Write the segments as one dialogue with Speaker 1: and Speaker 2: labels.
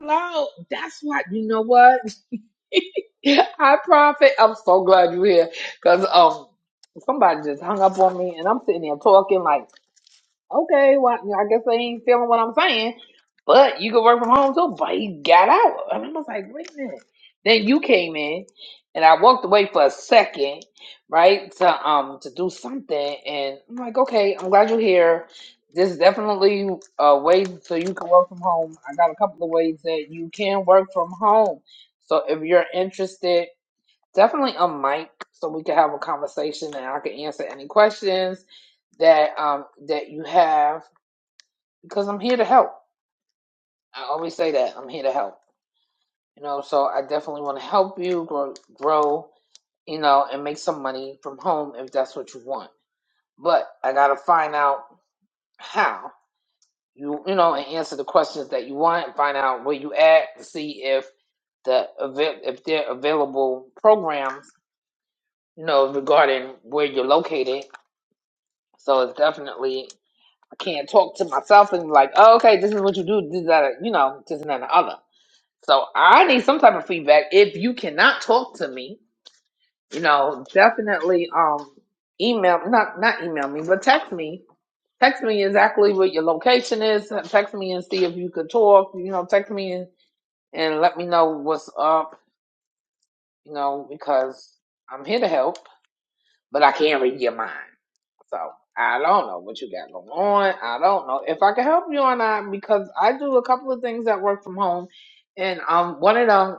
Speaker 1: Hello. That's why you know what? Hi, Prophet. I'm so glad you're here. Cause um somebody just hung up on me and I'm sitting there talking like Okay, well, I guess they ain't feeling what I'm saying. But you can work from home too. But he got out. And I was like, wait a minute. Then you came in and I walked away for a second, right? To um to do something. And I'm like, okay, I'm glad you're here. This is definitely a way so you can work from home. I got a couple of ways that you can work from home. So if you're interested definitely a mic so we can have a conversation and I can answer any questions that um that you have because I'm here to help. I always say that I'm here to help. You know, so I definitely want to help you grow, grow, you know, and make some money from home if that's what you want. But I gotta find out how you, you know, and answer the questions that you want. and Find out where you at to see if the avai- if there are available programs, you know, regarding where you're located So it's definitely I can't talk to myself and be like, oh, okay, this is what you do, this is that, you know, this and that and the other. So I need some type of feedback. If you cannot talk to me, you know, definitely um email not not email me, but text me. Text me exactly what your location is. Text me and see if you could talk. You know, text me and, and let me know what's up, you know, because I'm here to help, but I can't read your mind. So I don't know what you got going on. I don't know if I can help you or not because I do a couple of things that work from home, and um, one of them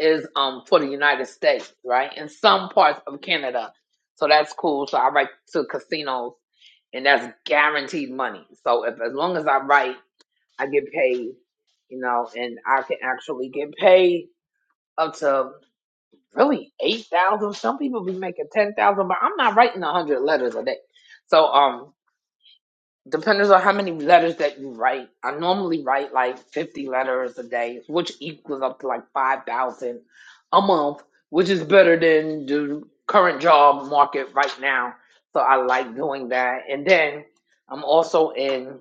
Speaker 1: is um for the United States, right, and some parts of Canada. So that's cool. So I write to casinos, and that's guaranteed money. So if as long as I write, I get paid, you know, and I can actually get paid up to really eight thousand. Some people be making ten thousand, but I'm not writing a hundred letters a day. So um Depends on how many letters that you write. I normally write like 50 letters a day, which equals up to like 5,000 a month, which is better than the current job market right now. So I like doing that. And then I'm also in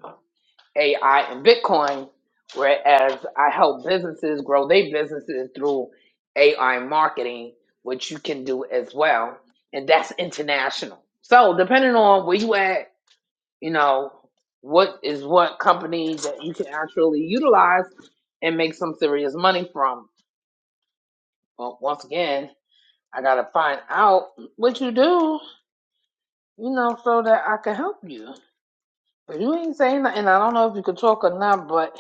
Speaker 1: AI and Bitcoin, whereas I help businesses grow their businesses through AI marketing, which you can do as well. And that's international. So depending on where you at you know, what is what company that you can actually utilize and make some serious money from. But once again, I gotta find out what you do, you know, so that I can help you. But you ain't saying nothing. I don't know if you can talk or not, but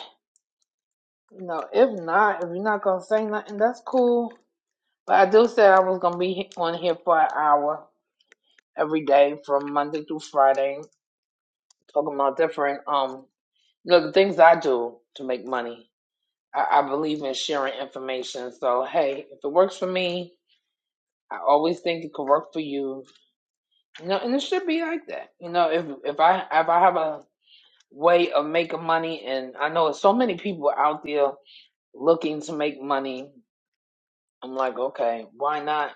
Speaker 1: you know, if not, if you're not gonna say nothing, that's cool. But I do say I was gonna be on here for an hour every day from Monday through Friday, talking about different um, you know, the things I do to make money I, I believe in sharing information. So hey, if it works for me, I always think it could work for you. You know, and it should be like that. You know, if if I if I have a way of making money, and I know so many people out there looking to make money, I'm like, okay, why not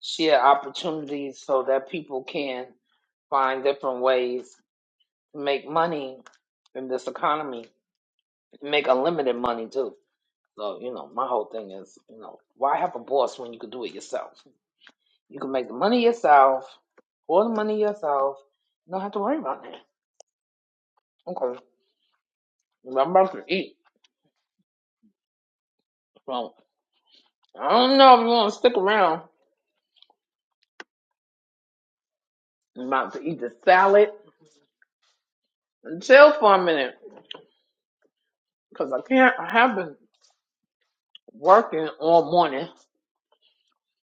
Speaker 1: share opportunities so that people can find different ways to make money in this economy, make unlimited money too. So, you know, my whole thing is, you know, why have a boss when you can do it yourself? You can make the money yourself, all the money yourself. You don't have to worry about that. Okay. I'm about to eat. So I don't know if you want to stick around. I'm about to eat the salad and chill for a minute. Because I can't, I have been working all morning.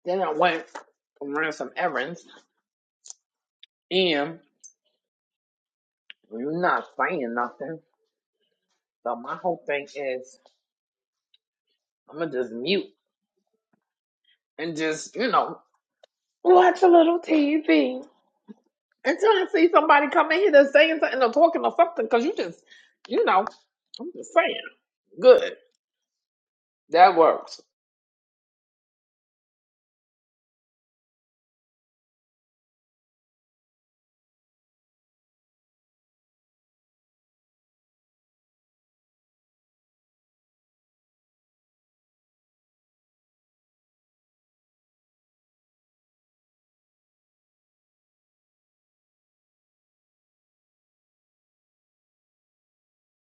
Speaker 1: Then I went and ran some errands. And you're not saying nothing. So my whole thing is, I'm going to just mute and just, you know. Watch a little TV until I see somebody come in here that's saying something or talking or something. Cause you just, you know, I'm just saying. Good, that works.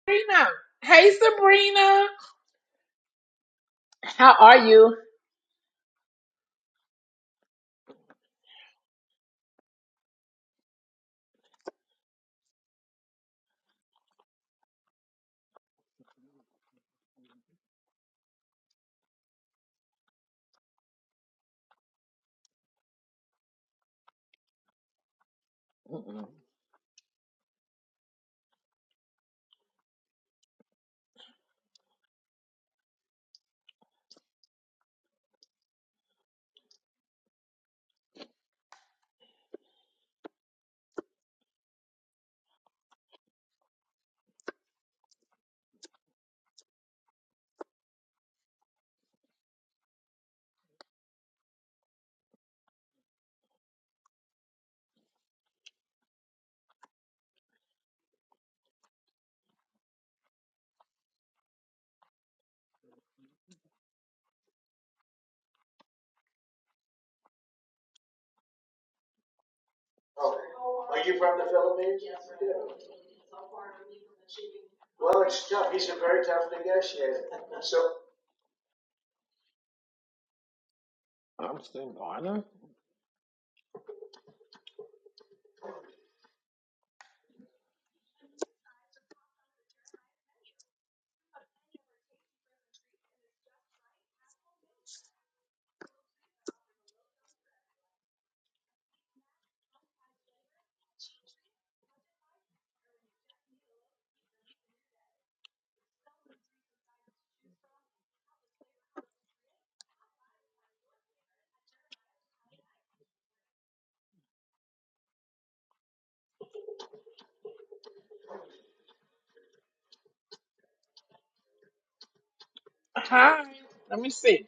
Speaker 1: Sabrina, hey Sabrina, how are you? Mm-mm. I'm still going. Hi. Let me see.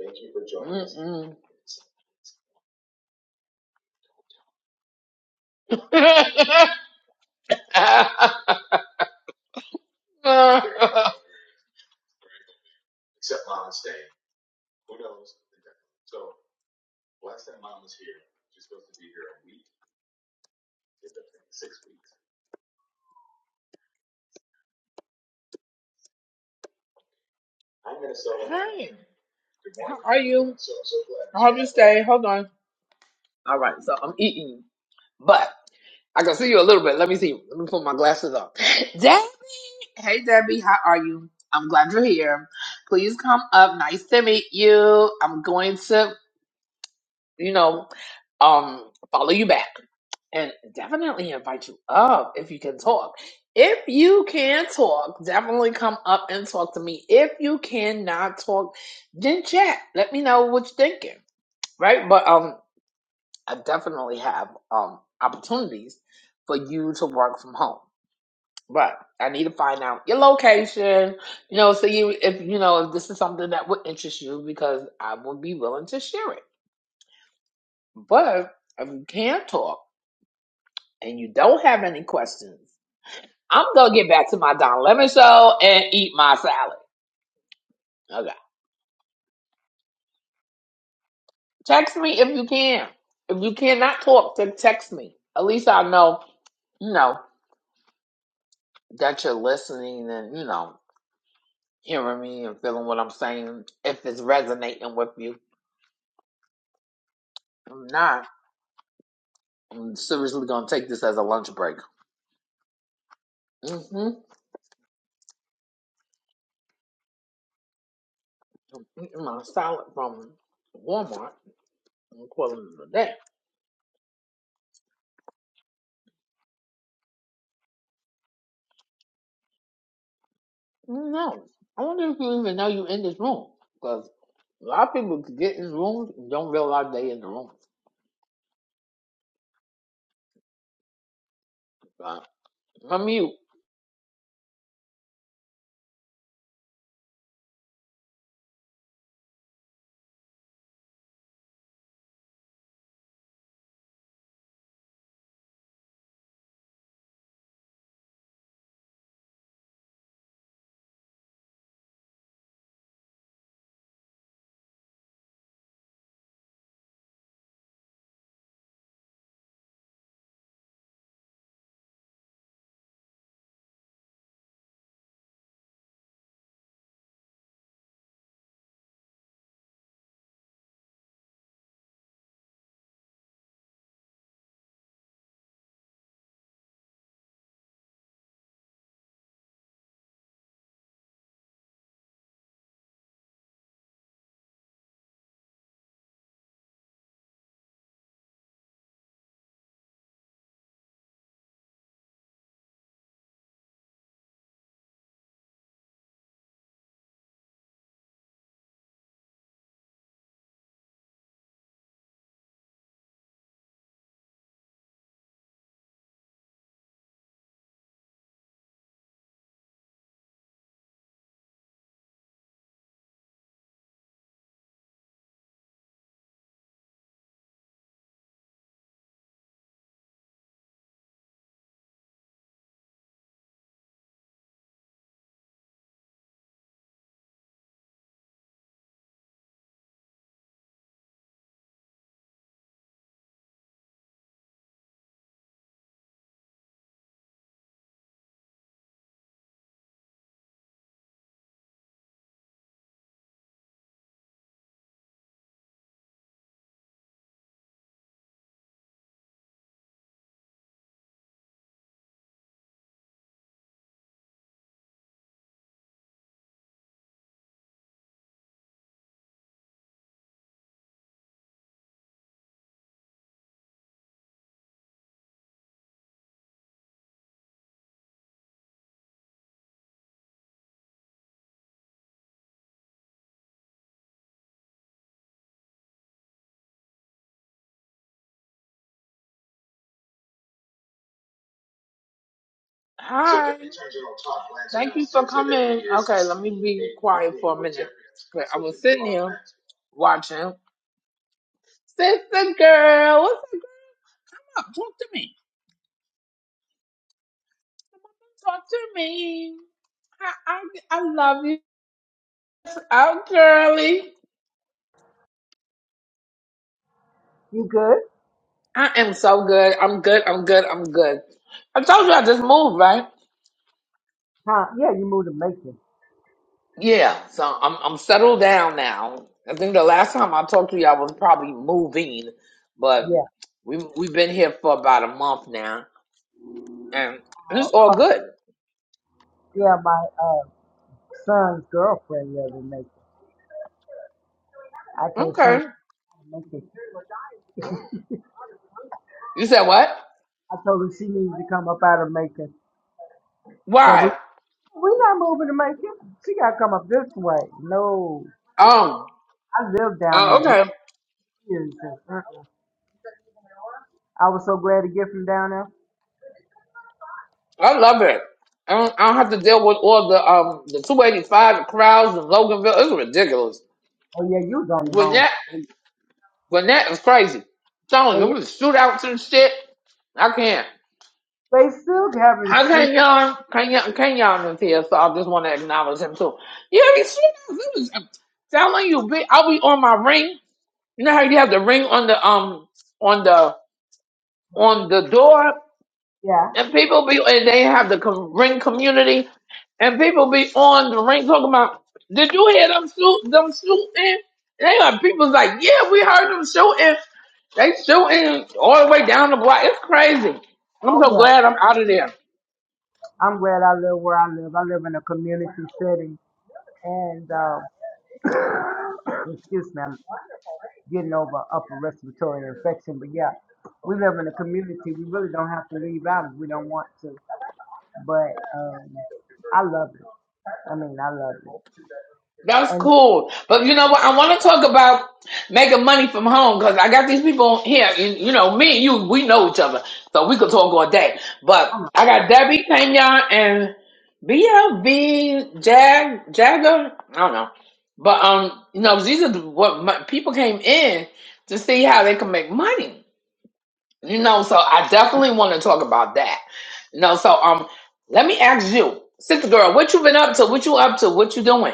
Speaker 1: Thank you for joining us. Mm-mm. I'm Minnesota. Hi. How are you? So, so glad. I hope you stay. Hold on. All right. So I'm eating, but. I can see you a little bit. Let me see. Let me put my glasses on. Debbie, hey Debbie, how are you? I'm glad you're here. Please come up. Nice to meet you. I'm going to, you know, um, follow you back and definitely invite you up if you can talk. If you can talk, definitely come up and talk to me. If you cannot talk, then chat. Let me know what you're thinking, right? But um, I definitely have um opportunities for you to work from home. But I need to find out your location, you know, so you if you know if this is something that would interest you because I would be willing to share it. But if you can't talk and you don't have any questions, I'm gonna get back to my Don Lemon show and eat my salad. Okay. Text me if you can. If you cannot talk, then text me. At least I know, you know, that you're listening and, you know, hearing me and feeling what I'm saying if it's resonating with you. If not. I'm seriously gonna take this as a lunch break. Mm-hmm. I'm eating my salad from Walmart and calling it a day. No, I wonder if you even know you in this room because a lot of people get in rooms and don't realize they in the room. But let me. Hi. Thank you for coming. Okay, let me be quiet for a minute. Okay, I was sitting here watching. Sister girl, what's up? Girl? Talk to me. Talk to me. I, I, I love you. Oh, girly.
Speaker 2: You good?
Speaker 1: I am so good. I'm good. I'm good. I'm good. I told you I just moved, right?
Speaker 2: Huh? Yeah, you moved to Macon.
Speaker 1: Yeah. So I'm I'm settled down now. I think the last time I talked to you, I was probably moving, but
Speaker 2: Yeah.
Speaker 1: we we've been here for about a month now, and
Speaker 2: Uh,
Speaker 1: it's all
Speaker 2: ca-
Speaker 1: good.
Speaker 2: yeah, my uh, son's girlfriend lives in Macon. I told her she was
Speaker 1: Okay.
Speaker 2: from Macon.
Speaker 1: You said what?
Speaker 2: I told her she needs to come up out of Macon. Cause we
Speaker 1: Why?
Speaker 2: we not moving to Macon. She gotta come up this way. No,
Speaker 1: Um.
Speaker 2: I lived down in
Speaker 1: Uh, okay.
Speaker 2: Greens. and, Uh-uh. I was so glad to get from down there.
Speaker 1: I love it. I don't, I don't have to deal with all the um the 285 crowds in Loganville. It's ridiculous.
Speaker 2: Oh yeah, you was on the
Speaker 1: But
Speaker 2: wrong.
Speaker 1: yeah. Gwinnett was crazy. I'm telling you, it
Speaker 2: Hey,
Speaker 1: was shootouts and shit. I can't.
Speaker 2: They still having
Speaker 1: How
Speaker 2: shoot.
Speaker 1: can y'all, can y'all, can y'all is here, so I just want to acknowledge him too. Yeah, these shootouts, it was, I'm telling you, bitch, I'll be on my ring. You know how you have the ring on the, um, on the, on the door?
Speaker 2: Yeah.
Speaker 1: And people be and they have the com- ring community, and people be on the ring talking about. Did you hear them shoot them shooting? And they got people's like, yeah, we heard them shooting. They shooting all the way down the block. It's crazy. I'm
Speaker 2: Oh
Speaker 1: so
Speaker 2: yeah.
Speaker 1: glad I'm out of there.
Speaker 2: I'm glad I live where I live. I live in a community setting. and um, excuse me, I'm getting over upper respiratory infection. But yeah, we live in a community. We really don't have to leave out if we don't want to. But um, I love it. I mean, I love it.
Speaker 1: That's
Speaker 2: And
Speaker 1: cool. But you know what? I want to talk about making money from home because I got these people here. And, you know, me and you, we know each other. So we could talk all day. But I got Debbie Pena and BLB Jag, Jagger. I don't know. But, um, you know, these are the- what my, people came in to see how they can make money. You know, so I definitely want to talk about that. You know, so um, let me ask you, sister girl, what you been up to? What you up to? What you doing?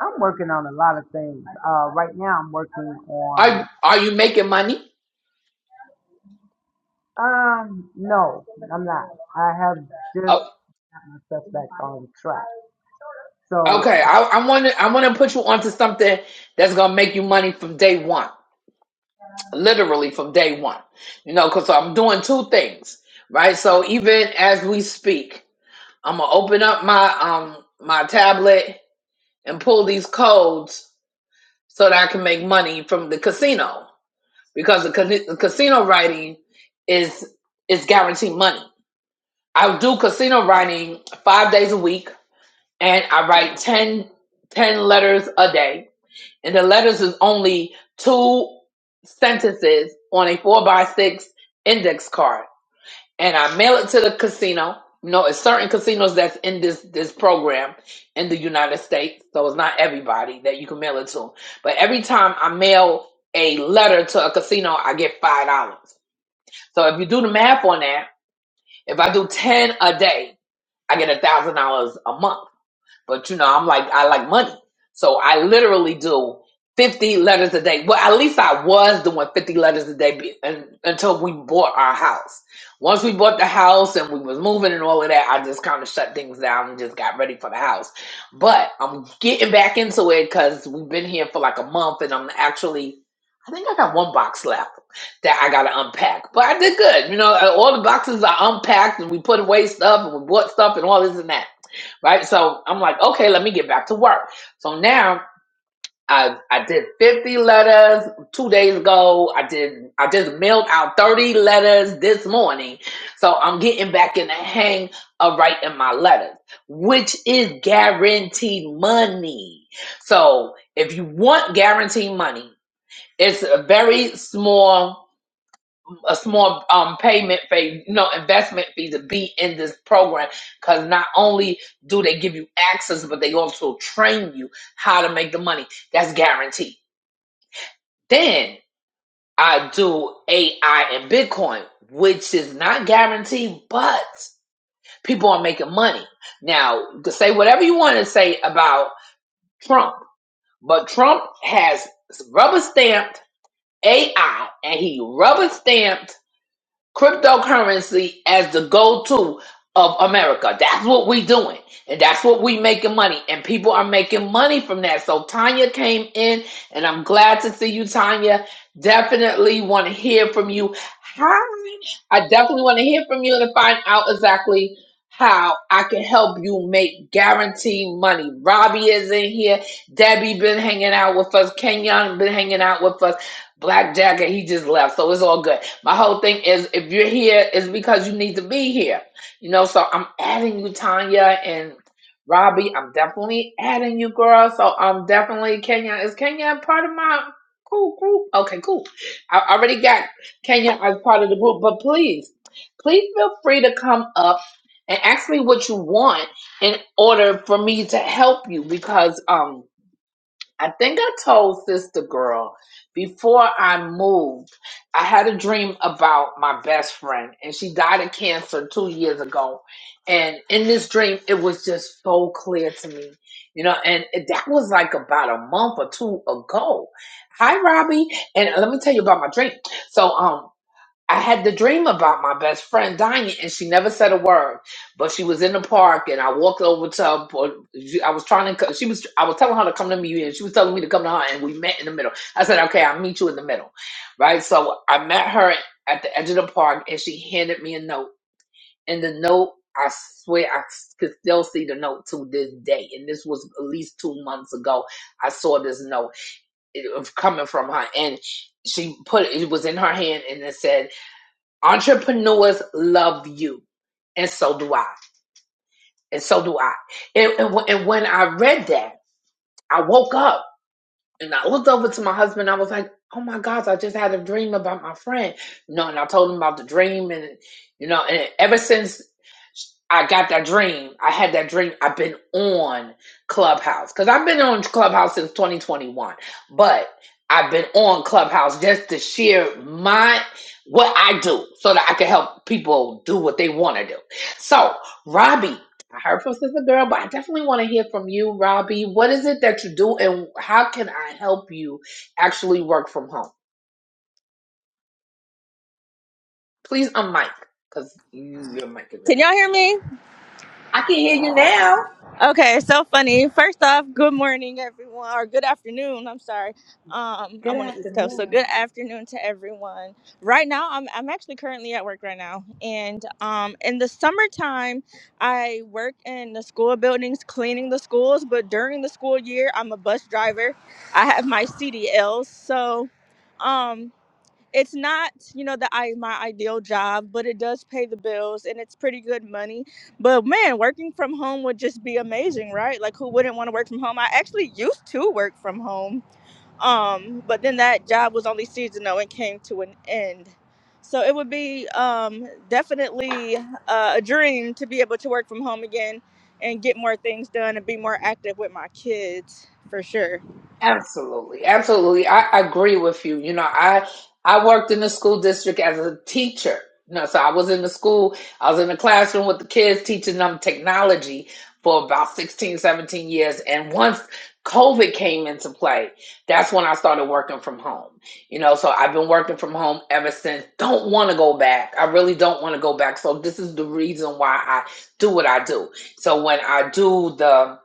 Speaker 2: I'm working on a lot of things. Uh, right now, I'm working on.
Speaker 1: Are are you making money?
Speaker 2: Um, no, I'm not. I have just
Speaker 1: Oh,
Speaker 2: got myself back on track. So,
Speaker 1: okay,
Speaker 2: I-
Speaker 1: I want to I want to put you onto something that's gonna make you money from day one, literally from day one. You know, because I'm doing two things, right? So even as we speak, I'm gonna open up my um my tablet and pull these codes so that I can make money from the casino because the, ca- the casino writing is is guaranteed money. I do casino writing five days a week and I write 10 10 letters a day. And the letters is only two sentences on a four by six index card. And I mail it to the casino. You know, it's certain casinos that's in this this program in the United States. So it's not everybody that you can mail it to. But every time I mail a letter to a casino, I get five dollars. So if you do the math on that, if I do ten a day, I get a thousand dollars a month but you know, I'm like I like money. So I literally do 50 letters a day. Well, at least I was doing 50 letters a day be- un- until we bought our house. Once we bought the house and we was moving and all of that, I just kind of shut things down and just got ready for the house. But I'm getting back into it because we've been here for like a month and I'm actually, I think I got one box left that I got to unpack. But I did good. You know, all the boxes are unpacked and we put away stuff and we bought stuff and all this and that right? So I'm like, okay, let me get back to work. So now I I did 50 letters two days ago. I did I just mailed out 30 letters this morning. So I'm getting back in the hang of writing my letters, which is guaranteed money. So if you want guaranteed money, it's a very small a small um, payment fee, no investment fee to be in this program because not only do they give you access, but they also train you how to make the money. That's guaranteed. Then I do AI and Bitcoin, which is not guaranteed, but people are making money. Now, to say whatever you want to say about Trump, but Trump has rubber stamped AI and he rubber stamped cryptocurrency as the go-to of America. That's what we doing. And that's what we making money. And people are making money from that. So Tanya came in and I'm glad to see you, Tanya. Definitely want to hear from you. Hi. I definitely want to hear from you to find out exactly how I can help you make guaranteed money. Robbie is in here. Debbie been hanging out with us. Kenyon been hanging out with us. Black Jacket, he just left, so it's all good. My whole thing is if you're here, it's because you need to be here. You know, so I'm adding you, Tanya and Robbie. I'm definitely adding you, girl. So I'm definitely Kenya. Is Kenya part of my cool group? Okay, cool. I already got Kenya as part of the group, but please, please feel free to come up and ask me what you want in order for me to help you because um I think I told Sister Girl before I moved, I had a dream about my best friend, and she died of cancer two years ago. And in this dream, it was just so clear to me, you know. And it- that was like about a month or two ago. Hi, Robbie, and let me tell you about my dream. So, um, I had the dream about my best friend dying, and she never said a word. But she was in the park, and I walked over to her. but she- I was trying to. co- She was. I was telling her to come to me, and she was telling me to come to her, and we met in the middle. I said, "Okay, I'll meet you in the middle." Right. So I met her at the edge of the park, and she handed me a note. And the note, I swear, I s- could still see the note to this day. And this was at least two months ago. I saw this note. It was coming from her, and she put it was in her hand, and it said entrepreneurs love you and so do i and so do i and, and, wh- and when i read that i woke up and I looked over to my husband. I was like, "Oh my gosh, I just had a dream about my friend." You know, and I told him about the dream, and you know, and ever since I got that dream, I had that dream. I've been on Clubhouse because I've been on Clubhouse since 2021, but I've been on Clubhouse just to share my what I do so that I can help people do what they want to do. So, Robbie, I heard from Sister Girl, but I definitely want to hear from you, Robbie. What is it that you do, and how can I help you actually work from home? Please unmic, because you, your mic is
Speaker 3: Can
Speaker 1: muted.
Speaker 3: y'all hear me?
Speaker 1: I can hear you now.
Speaker 3: Okay, so funny. First off, good morning, everyone, or good afternoon. I'm sorry. Um,
Speaker 1: Good
Speaker 3: I'm on the East Coast, so
Speaker 1: afternoon.
Speaker 3: good afternoon to everyone. Right now, I'm I'm actually currently at work right now, and um, in the summertime, I work in the school buildings, cleaning the schools. But during the school year, I'm a bus driver. I have my CDLs, so. Um, it's not you know the i my ideal job but it does pay the bills and it's pretty good money but man working from home would just be amazing right like who wouldn't want to work from home i actually used to work from home um but then that job was only seasonal and came to an end so it would be um definitely uh, a dream to be able to work from home again and get more things done and be more active with my kids for sure
Speaker 1: Absolutely, absolutely. I, I agree with you. You know, I I worked in the school district as a teacher. You know, so I was in the school, I was in the classroom with the kids teaching them technology for about 16, 17 years. And once COVID came into play, that's when I started working from home. You know, so I've been working from home ever since. Don't want to go back. I really don't want to go back. So this is the reason why I do what I do. So when I do the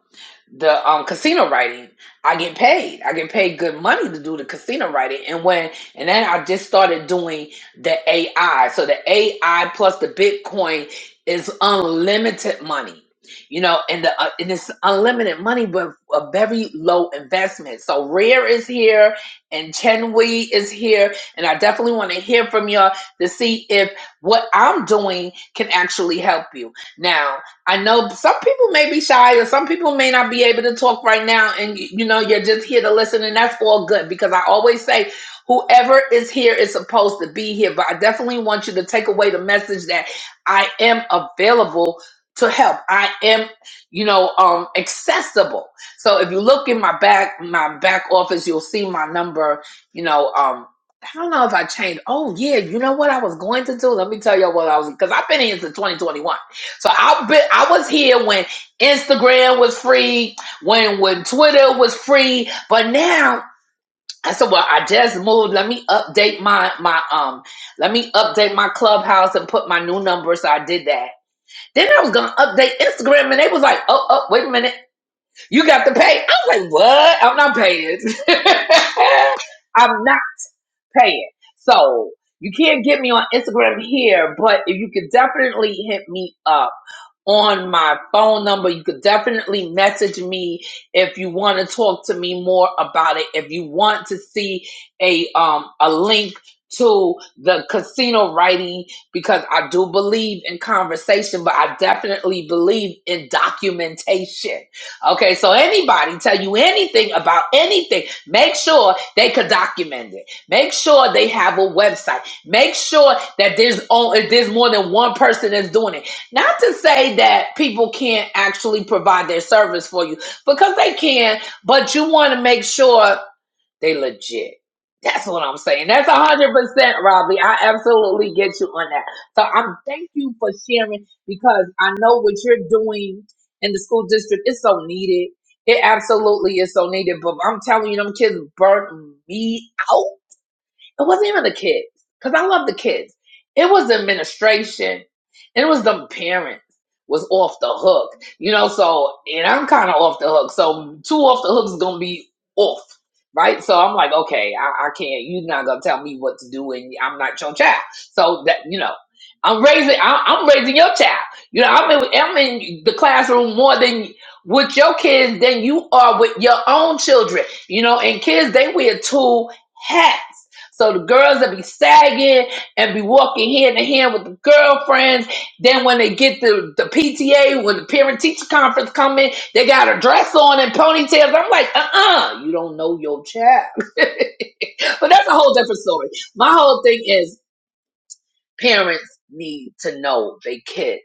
Speaker 1: the um casino writing i get paid i get paid good money to do the casino writing and when and then i just started doing the ai so the ai plus the bitcoin is unlimited money you know and the uh, and it's unlimited money but a very low investment so rare is here and chen wei is here and i definitely want to hear from y'all to see if what i'm doing can actually help you now I know some people may be shy or some people may not be able to talk right now. And you know, you're just here to listen, and that's all good because I always say, whoever is here is supposed to be here. But I definitely want you to take away the message that I am available to help. I am, you know, um accessible. So if you look in my back, my back office, you'll see my number, you know, um I don't know if I changed. Oh yeah, you know what I was going to do? Let me tell you what I was because I've been here since 2021. So I been, I was here when Instagram was free, when when Twitter was free, but now I said, well, I just moved. Let me update my my um, let me update my clubhouse and put my new number. So I did that. Then I was gonna update Instagram, and they was like, oh, oh, wait a minute, you got to pay. I was like, what? I'm not paying. I'm not paying. So you can't get me on Instagram here, but if you could definitely hit me up on my phone number. You could definitely message me if you want to talk to me more about it. If you want to see a um a link to the casino writing because I do believe in conversation, but I definitely believe in documentation. Okay, so anybody tell you anything about anything, make sure they could document it. Make sure they have a website. Make sure that there's on there's more than one person that's doing it not to say that people can't actually provide their service for you because they can, but you want to make sure they legit. That's what I'm saying. That's a hundred percent, Robbie. I absolutely get you on that. So I'm thank you for sharing because I know what you're doing in the school district is so needed. It absolutely is so needed. But I'm telling you, them kids burnt me out it wasn't even the kids, because I love the kids. It was administration. It was the parents was off the hook. You know, so and I'm kinda off the hook. So two off the hooks is gonna be off. Right? So I'm like, okay, I, I can't you're not gonna tell me what to do and I'm not your child. So that you know, I'm raising I, I'm raising your child. You know, I'm in I'm in the classroom more than with your kids than you are with your own children. You know, and kids they wear two hats so the girls that be sagging and be walking hand in hand with the girlfriends. Then when they get the, the PTA, when the parent teacher conference come in, they got a dress on and ponytails. I'm like, uh-uh, you don't know your child. but that's a whole different story. My whole thing is parents need to know they kids.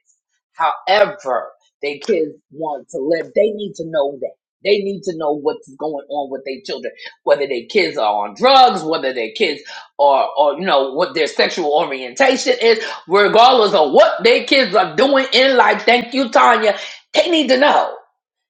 Speaker 1: However, their kids want to live, they need to know that. They need to know what's going on with their children, whether their kids are on drugs, whether their kids are, or you know, what their sexual orientation is, regardless of what their kids are doing in life. Thank you, Tanya. They need to know.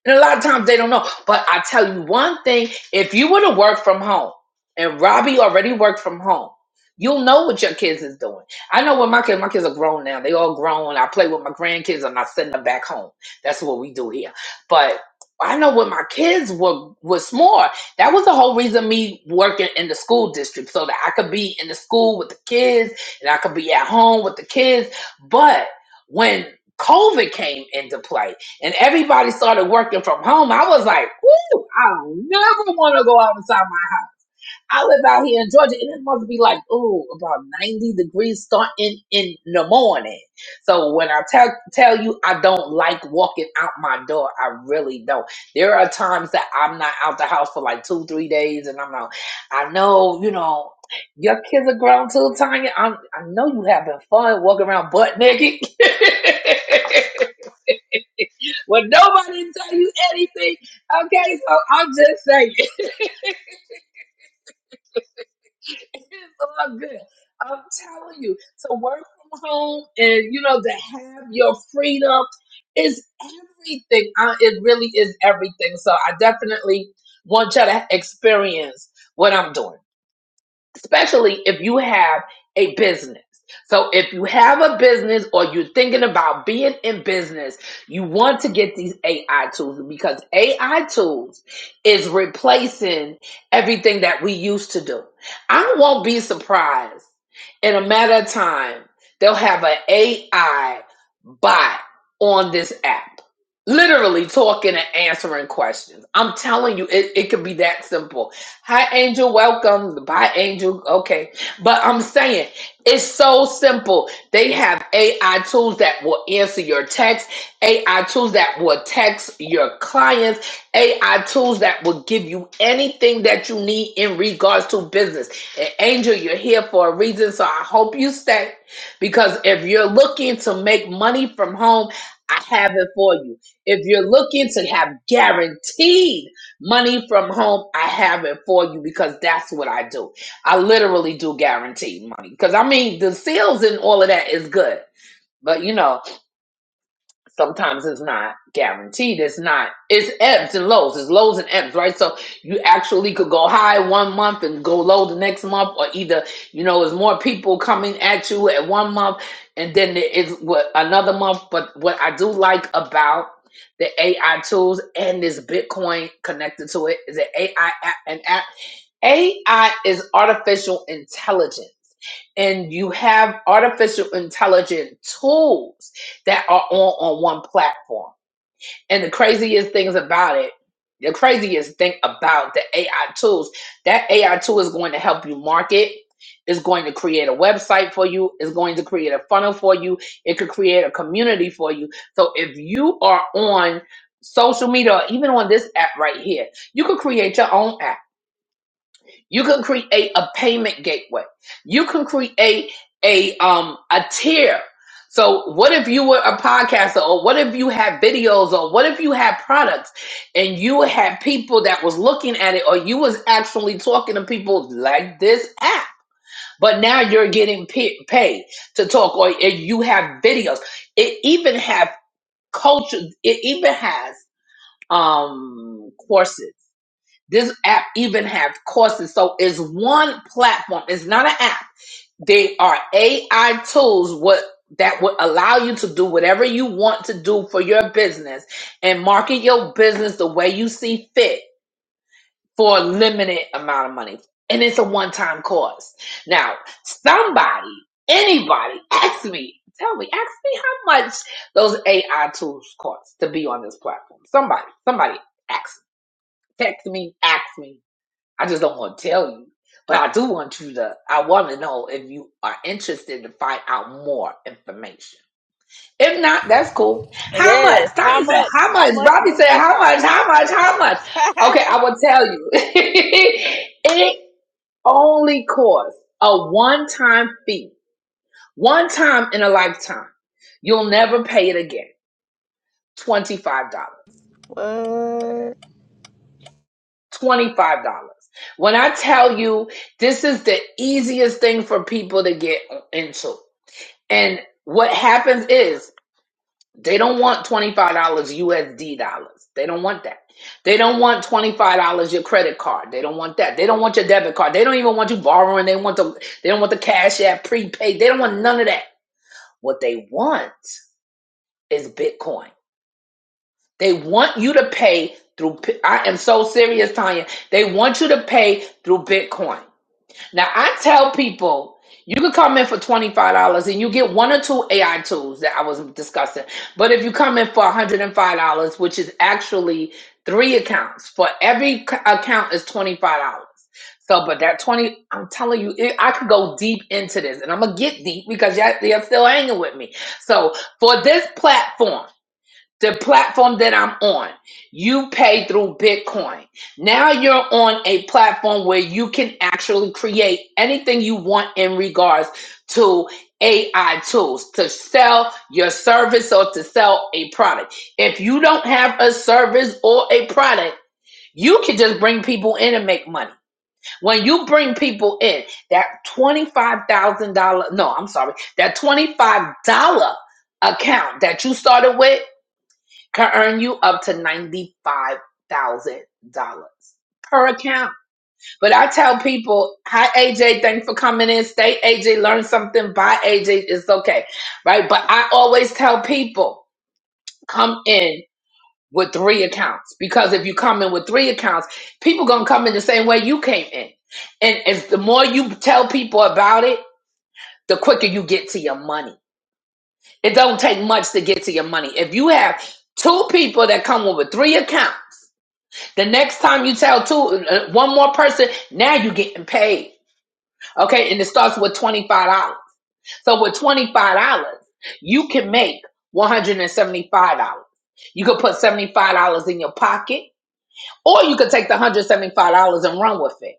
Speaker 1: And a lot of times they don't know. But I tell you one thing if you were to work from home, and Robbie already worked from home, you'll know what your kids is doing. I know what my kids, my kids are grown now. They all grown. I play with my grandkids. I'm not sending them back home. That's what we do here. But I know what my kids were was more. That was the whole reason me working in the school district so that I could be in the school with the kids and I could be at home with the kids. But when COVID came into play, and everybody started working from home. I was like, ooh, I don't never want to go outside. My, I live out here in Georgia, and it must be like, ooh, about 90 degrees starting in the morning. So when I tell tell you I don't like walking out my door, I really don't. There are times that I'm not out the house for like two, three days, and I'm like, I know, you know, your kids are grown too, Tanya. I'm, I know you having fun walking around butt naked. well, nobody tell you anything. Okay, so I'm just saying, it's all good. I'm telling you to work from home and you know to have your freedom is everything. Uh, it really is everything. So I definitely want you to experience what I'm doing. especially if you have a business. So if you have a business or you're thinking about being in business, you want to get these AI tools because AI tools is replacing everything that we used to do. I won't be surprised in a matter of time they'll have an AI bot on this app. Literally talking and answering questions. I'm telling you, it, it could be that simple Hi, Angel. Welcome. Bye, Angel. Okay. But I'm saying it's so simple. They have AI tools that will answer your text, AI tools that will text your clients, AI tools that will give you anything that you need in regards to business. And Angel, you're here for a reason. So I hope you stay because if you're looking to make money from home, I have it for you. If you're looking to have guaranteed, Money from home, I have it for you because that's what I do. I literally do guarantee money because I mean the sales and all of that is good, but you know sometimes it's not guaranteed. It's not. It's ebbs and lows. It's lows and ebbs, right? So you actually could go high one month and go low the next month, or either you know, there's more people coming at you at one month, and then there is what another month. But what I do like about the AI tools and this Bitcoin connected to it is that AI a- I and AI is artificial intelligence and you have artificial intelligent tools that are all on one platform. And the craziest things about it, the craziest thing about the AI tools, that AI tool is going to help you market. It's going to create a website for you. It's going to create a funnel for you. It could create a community for you. So if you are on social media or even on this app right here, you could create your own app you can create a payment gateway. You can create a um a tier. So what if you were a podcaster or what if you had videos or what if you had products and you had people that was looking at it or you was actually talking to people like this app but now you're getting pa- paid to talk or if you have videos it even have culture it even has um courses this app even have courses. So it's one platform. It's not an app. They are AI tools what that would allow you to do whatever you want to do for your business and market your business the way you see fit for a limited amount of money. And it's a one-time cost. Now, somebody, anybody, ask me, tell me, ask me how much those AI tools cost to be on this platform. Somebody, somebody ask, me, text me, ask me I just don't want to tell you, but I do want you to. I want to know if you are interested to find out more information. If not, that's cool. How
Speaker 3: Yes.
Speaker 1: much?
Speaker 3: How
Speaker 1: Tanya said,
Speaker 3: much?
Speaker 1: how
Speaker 3: How
Speaker 1: much?
Speaker 3: much
Speaker 1: Robbie
Speaker 3: do
Speaker 1: said,
Speaker 3: they
Speaker 1: how much?
Speaker 3: cost?
Speaker 1: How much? How much?
Speaker 3: Yes.
Speaker 1: Okay, I will tell you. it only costs a one time fee, one time in a lifetime. You'll never pay it again. $25.
Speaker 3: What?
Speaker 1: $25. When I tell you this is the easiest thing for people to get into. And what happens is they don't want $25 USD dollars. They don't want that. They don't want $25 your credit card. They don't want that. They don't want your debit card. They don't even want you borrowing. They want the they don't want the cash app prepaid. They don't want none of that. What they want is Bitcoin. They want you to pay through I am so serious, Tanya. They want you to pay through Bitcoin. Now I tell people you can come in for twenty five dollars and you get one or two AI tools that I was discussing. But if you come in for one hundred and five dollars, which is actually three accounts, for every c- account is twenty five dollars. So, but that twenty, I'm telling you, it, I could go deep into this, and I'm gonna get deep because y'all, y'all still hanging with me. So, for this platform the platform that I'm on. You pay through Bitcoin. Now you're on a platform where you can actually create anything you want in regards to AI tools to sell your service or to sell a product. If you don't have a service or a product, you can just bring people in and make money. When you bring people in, that $25,000, no, I'm sorry, that $25 account that you started with can earn you up to $95,000 per account. But I tell people, hi, AJ, thanks for coming in. Stay, AJ, learn something. Bye, AJ, it's okay. Right? But I always tell people, come in with three accounts because if you come in with three accounts, people going to come in the same way you came in. And if the more you tell people about it, the quicker you get to your money. It don't take much to get to your money. If you have two people that come in with three accounts, The next time you tell two, uh, one more person, now you're getting paid. Okay, and it starts with twenty five dollars. So with twenty five dollars, you can make one hundred and seventy five dollars. You could put seventy five dollars in your pocket. Or you could take the $175 and run with it.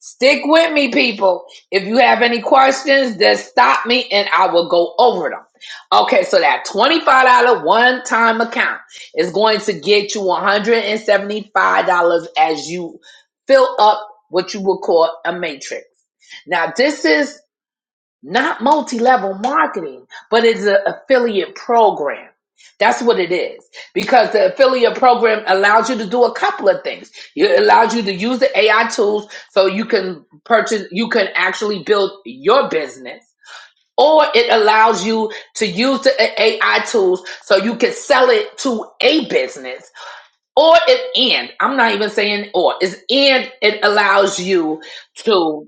Speaker 1: Stick with me, people. If you have any questions, just stop me and I will go over them. Okay, so that $25 one time account is going to get you $175 as you fill up what you will call a matrix. Now, this is not multi-level marketing, but it's an affiliate program. That's what it is. Because the affiliate program allows you to do a couple of things. It allows you to use the AI tools so you can purchase, you can actually build your business. Or it allows you to use the AI tools so you can sell it to a business. Or it and I'm not even saying or it's and it allows you to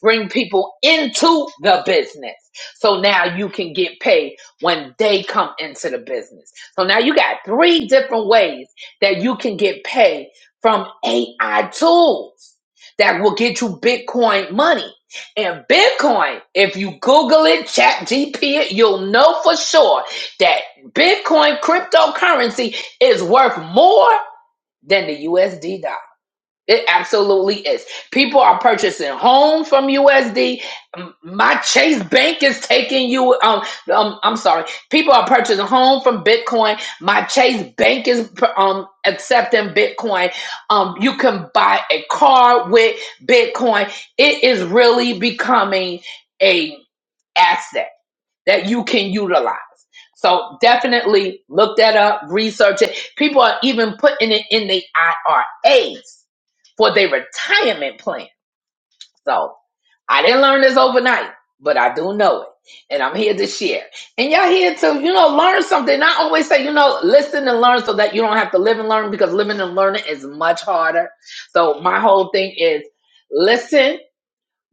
Speaker 1: bring people into the business. So now you can get paid when they come into the business. So now you got three different ways that you can get paid from AI tools that will get you Bitcoin money. And Bitcoin, if you Google it, chat GP it, you'll know for sure that Bitcoin cryptocurrency is worth more than the USD dollar. It absolutely is. People are purchasing home from USD. My Chase Bank is taking you. Um, um, I'm sorry. People are purchasing home from Bitcoin. My Chase Bank is um accepting Bitcoin. Um, you can buy a car with Bitcoin. It is really becoming a asset that you can utilize. So definitely look that up, research it. People are even putting it in the IRAs for their retirement plan. So I didn't learn this overnight, but I do know it. And I'm here to share. And y'all here to, you know, learn something. I always say, you know, listen and learn so that you don't have to live and learn because living and learning is much harder. So my whole thing is listen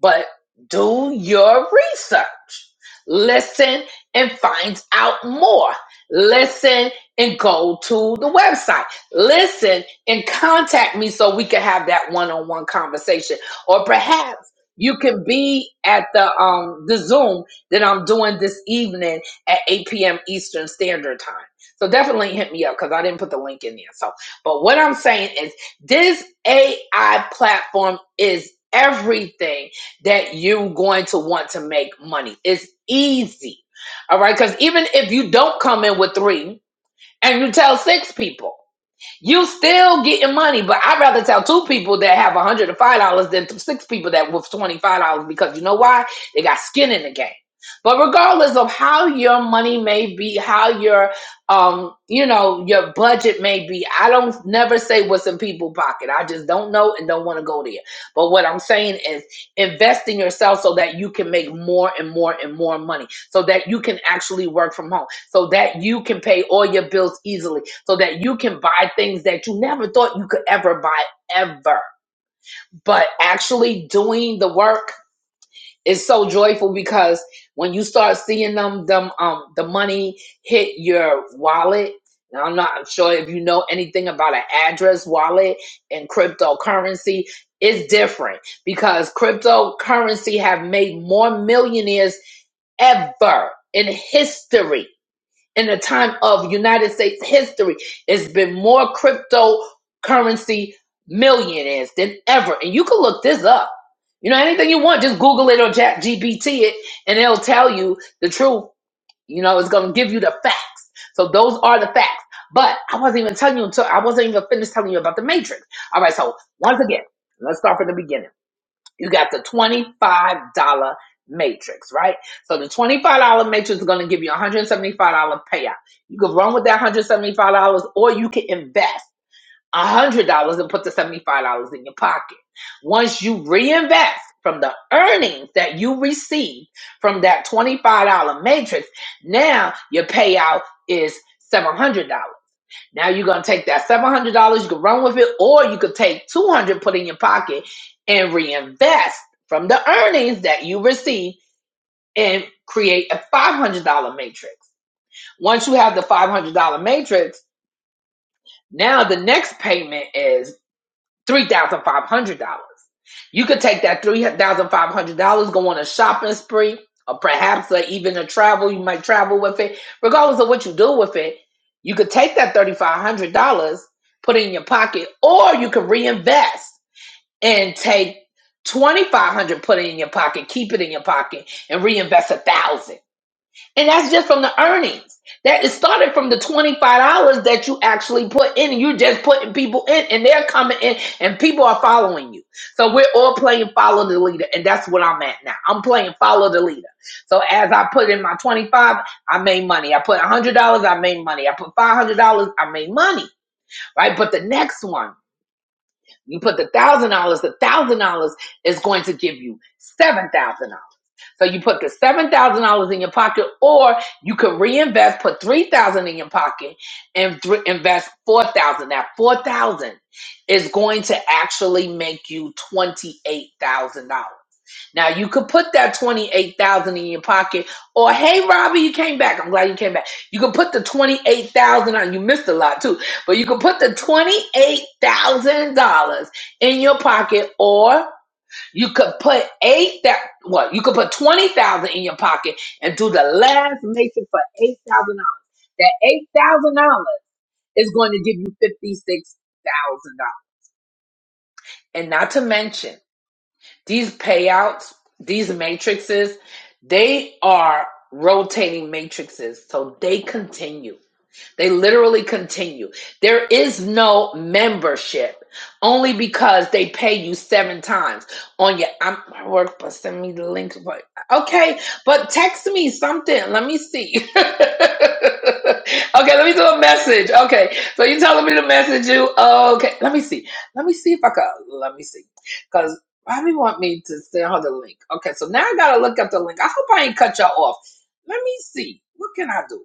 Speaker 1: but do your research. Listen and find out more. Listen and go to the website. Listen and contact me so we can have that one-on-one conversation. Or perhaps you can be at the um the Zoom that I'm doing this evening at 8 p.m. Eastern Standard Time. So definitely hit me up because I didn't put the link in there. So, but what I'm saying is this AI platform is everything that you're going to want to make money. It's easy. All right. Because even if you don't come in with three and you tell six people, you still getting money. But I'd rather tell two people that have $105 than to six people that with $25 because you know why? They got skin in the game. But regardless of how your money may be, how your um, you know, your budget may be, I don't never say what's in people's pocket. I just don't know and don't want to go there. But what I'm saying is invest in yourself so that you can make more and more and more money so that you can actually work from home so that you can pay all your bills easily so that you can buy things that you never thought you could ever buy ever but actually doing the work it's so joyful because when you start seeing them them um the money hit your wallet now i'm not sure if you know anything about an address wallet and cryptocurrency it's different because cryptocurrency have made more millionaires ever in history in the time of United States history. It's been more cryptocurrency millionaires than ever. And you can look this up. You know, anything you want, just Google it or chat GPT it, and it'll tell you the truth. You know, it's gonna give you the facts. So those are the facts. But I wasn't even telling you until I wasn't even finished telling you about the matrix. All right, so once again, let's start from the beginning. You got the $25 matrix, right? So the $25 matrix is going to give you $175 payout. You can run with that $175 or you can invest $100 and put the $75 in your pocket. Once you reinvest from the earnings that you receive from that $25 matrix, now your payout is $700. Now you're gonna take that seven hundred dollars, you could run with it, or you could take two hundred, dollars, put it in your pocket, and reinvest from the earnings that you receive and create a five hundred dollar matrix. Once you have the five hundred dollar matrix, now the next payment is $3,500. You could take that three thousand five hundred dollars, go on a shopping spree, or perhaps or even a travel. You might travel with it, regardless of what you do with it. You could take that thirty five hundred dollars, put it in your pocket, or you could reinvest and take twenty five hundred, put it in your pocket, keep it in your pocket, and reinvest a thousand. And that's just from the earnings. That is started from the $25 that you actually put in. and You're just putting people in and they're coming in and people are following you. So we're all playing follow the leader. And that's what I'm at now. I'm playing follow the leader. So as I put in my 25, dollars, I made money. I put $100, I made money. I put $500, I made money, right? But the next one. You put the thousand dollars, the thousand dollars is going to give you seven thousand dollars. So you put the seven thousand dollars in your pocket, or you could reinvest, put three thousand in your pocket, and th- invest four thousand. That four thousand is going to actually make you twenty eight thousand dollars. Now you could put that twenty eight thousand dollars in your pocket, or hey Robbie, you came back. I'm glad you came back. You could put the twenty eight thousand dollars on. You missed a lot too, but you could put the twenty eight thousand dollars in your pocket, or you could put eight that what? You could put twenty thousand dollars in your pocket and do the last mission for eight thousand dollars. That eight thousand dollars is going to give you fifty six thousand dollars, and not to mention. These payouts, these matrices, they are rotating matrices. So they continue. They literally continue. There is no membership only because they pay you seven times on your I'm I work, but send me the link. But okay, but text me something. Let me see. okay, let me do a message. Okay, so you telling me to message you? Okay, let me see. Let me see if I can. Let me see, because. Bobby want me to send her the link. Okay, so now I gotta look up the link. I hope I ain't cut y'all off. Let me see. What can I do?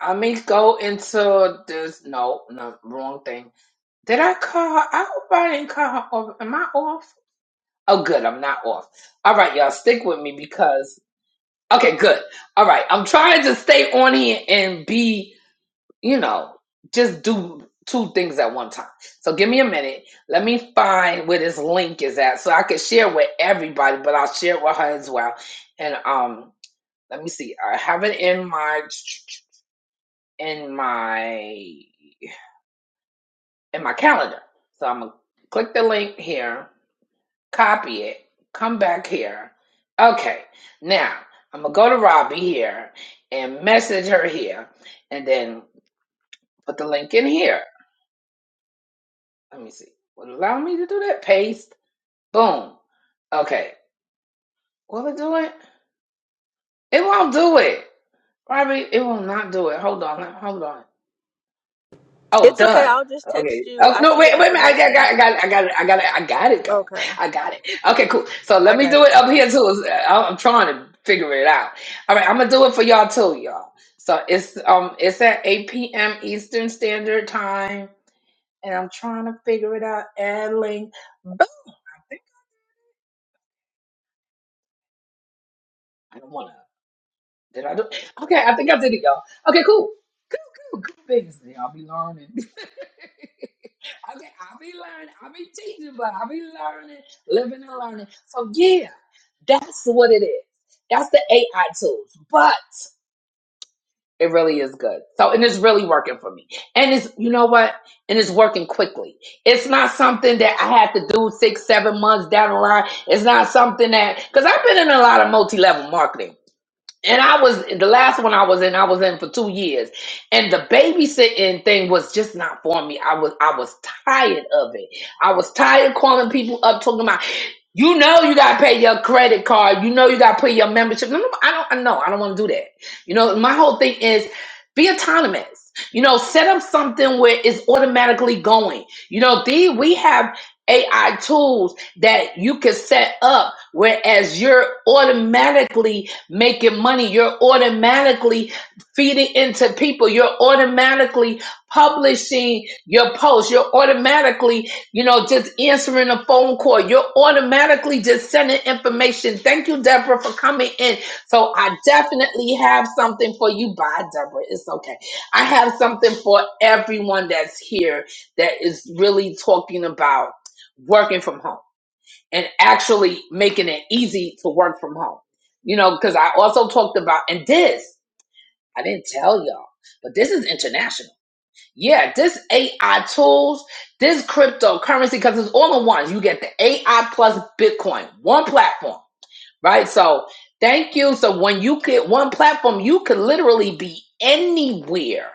Speaker 1: I mean, go into this. No, no, wrong thing. Did I call her? I hope I didn't call her. Off. Am I off? Oh, good. I'm not off. All right, y'all, stick with me because. Okay, good. All right, I'm trying to stay on here and be, you know, just do two things at one time. So give me a minute. Let me find where this link is at so I can share with everybody, but I'll share it with her as well. And um, let me see. I have it in my in my in my calendar. So I'm gonna click the link here, copy it, come back here. Okay, now I'm gonna go to Robbie here and message her here, and then put the link in here. Let me see. Will it allow me to do that? Paste. Boom. Okay. Will it do it? It won't do it. Robbie, it will not do it. Hold on. Hold on. Oh,
Speaker 3: It's okay.
Speaker 1: done.
Speaker 3: I'll just
Speaker 1: Okay.
Speaker 3: text you.
Speaker 1: Oh
Speaker 3: I
Speaker 1: no,
Speaker 3: see
Speaker 1: wait,
Speaker 3: the
Speaker 1: wait a minute. I got,
Speaker 3: information.
Speaker 1: I got, I got, it, I got it, I got it, Go.
Speaker 3: Okay.
Speaker 1: I got it. Okay, cool. So let
Speaker 3: I
Speaker 1: me do it
Speaker 3: gotcha.
Speaker 1: up here too. I'm I'm trying to figure it out. All right, I'm gonna do it for y'all too, y'all. So it's um, it's at 8 p.m. Eastern Standard Time, and I'm trying to figure it out. Addling, but I don't want to. Did I do? Okay, I think I did it, y'all. Okay, cool. Cool, cool, cool things. Y'all be learning. okay, I'll be learning. I'll be teaching, but I'll be learning, living and learning. So, yeah, that's what it is. That's the AI tools, but it really is good. So, and it's really working for me. And it's, you know what? And it's working quickly. It's not something that I had to do six, seven months down the line. It's not something that, because I've been in a lot of multi level marketing. And I was the last one I was in, I was in for two years. And the babysitting thing was just not for me. I was I was tired of it. I was tired of calling people up talking about you know you gotta pay your credit card, you know you gotta pay your membership. No, no, I don't I know, I don't wanna do that. You know, my whole thing is be autonomous. You know, set up something where it's automatically going. You know, the we have AI tools that you can set up whereas you're automatically making money. You're automatically feeding into people. You're automatically publishing your posts. You're automatically, you know, just answering a phone call. You're automatically just sending information. Thank you, Deborah, for coming in. So I definitely have something for you. Bye, Deborah. It's okay. I have something for everyone that's here that is really talking about working from home and actually making it easy to work from home. You know, because I also talked about, and this, I didn't tell y'all, but this is international. Yeah, this AI tools, this cryptocurrency, because it's all in one. You get the AI plus Bitcoin, one platform right? So thank you. So when you could one platform, you could literally be anywhere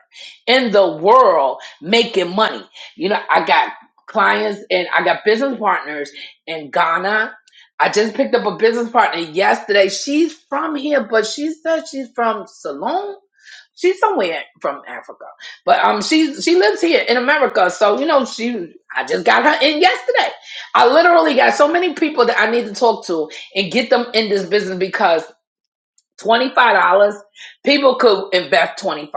Speaker 1: in the world making money. You know, I got clients and I got business partners in Ghana. I just picked up a business partner yesterday. She's from here, but she said she's from Salon. She's somewhere from Africa, but um, she she lives here in America. So you know, she I just got her in yesterday. I literally got so many people that I need to talk to and get them in this business because $25 people could invest $25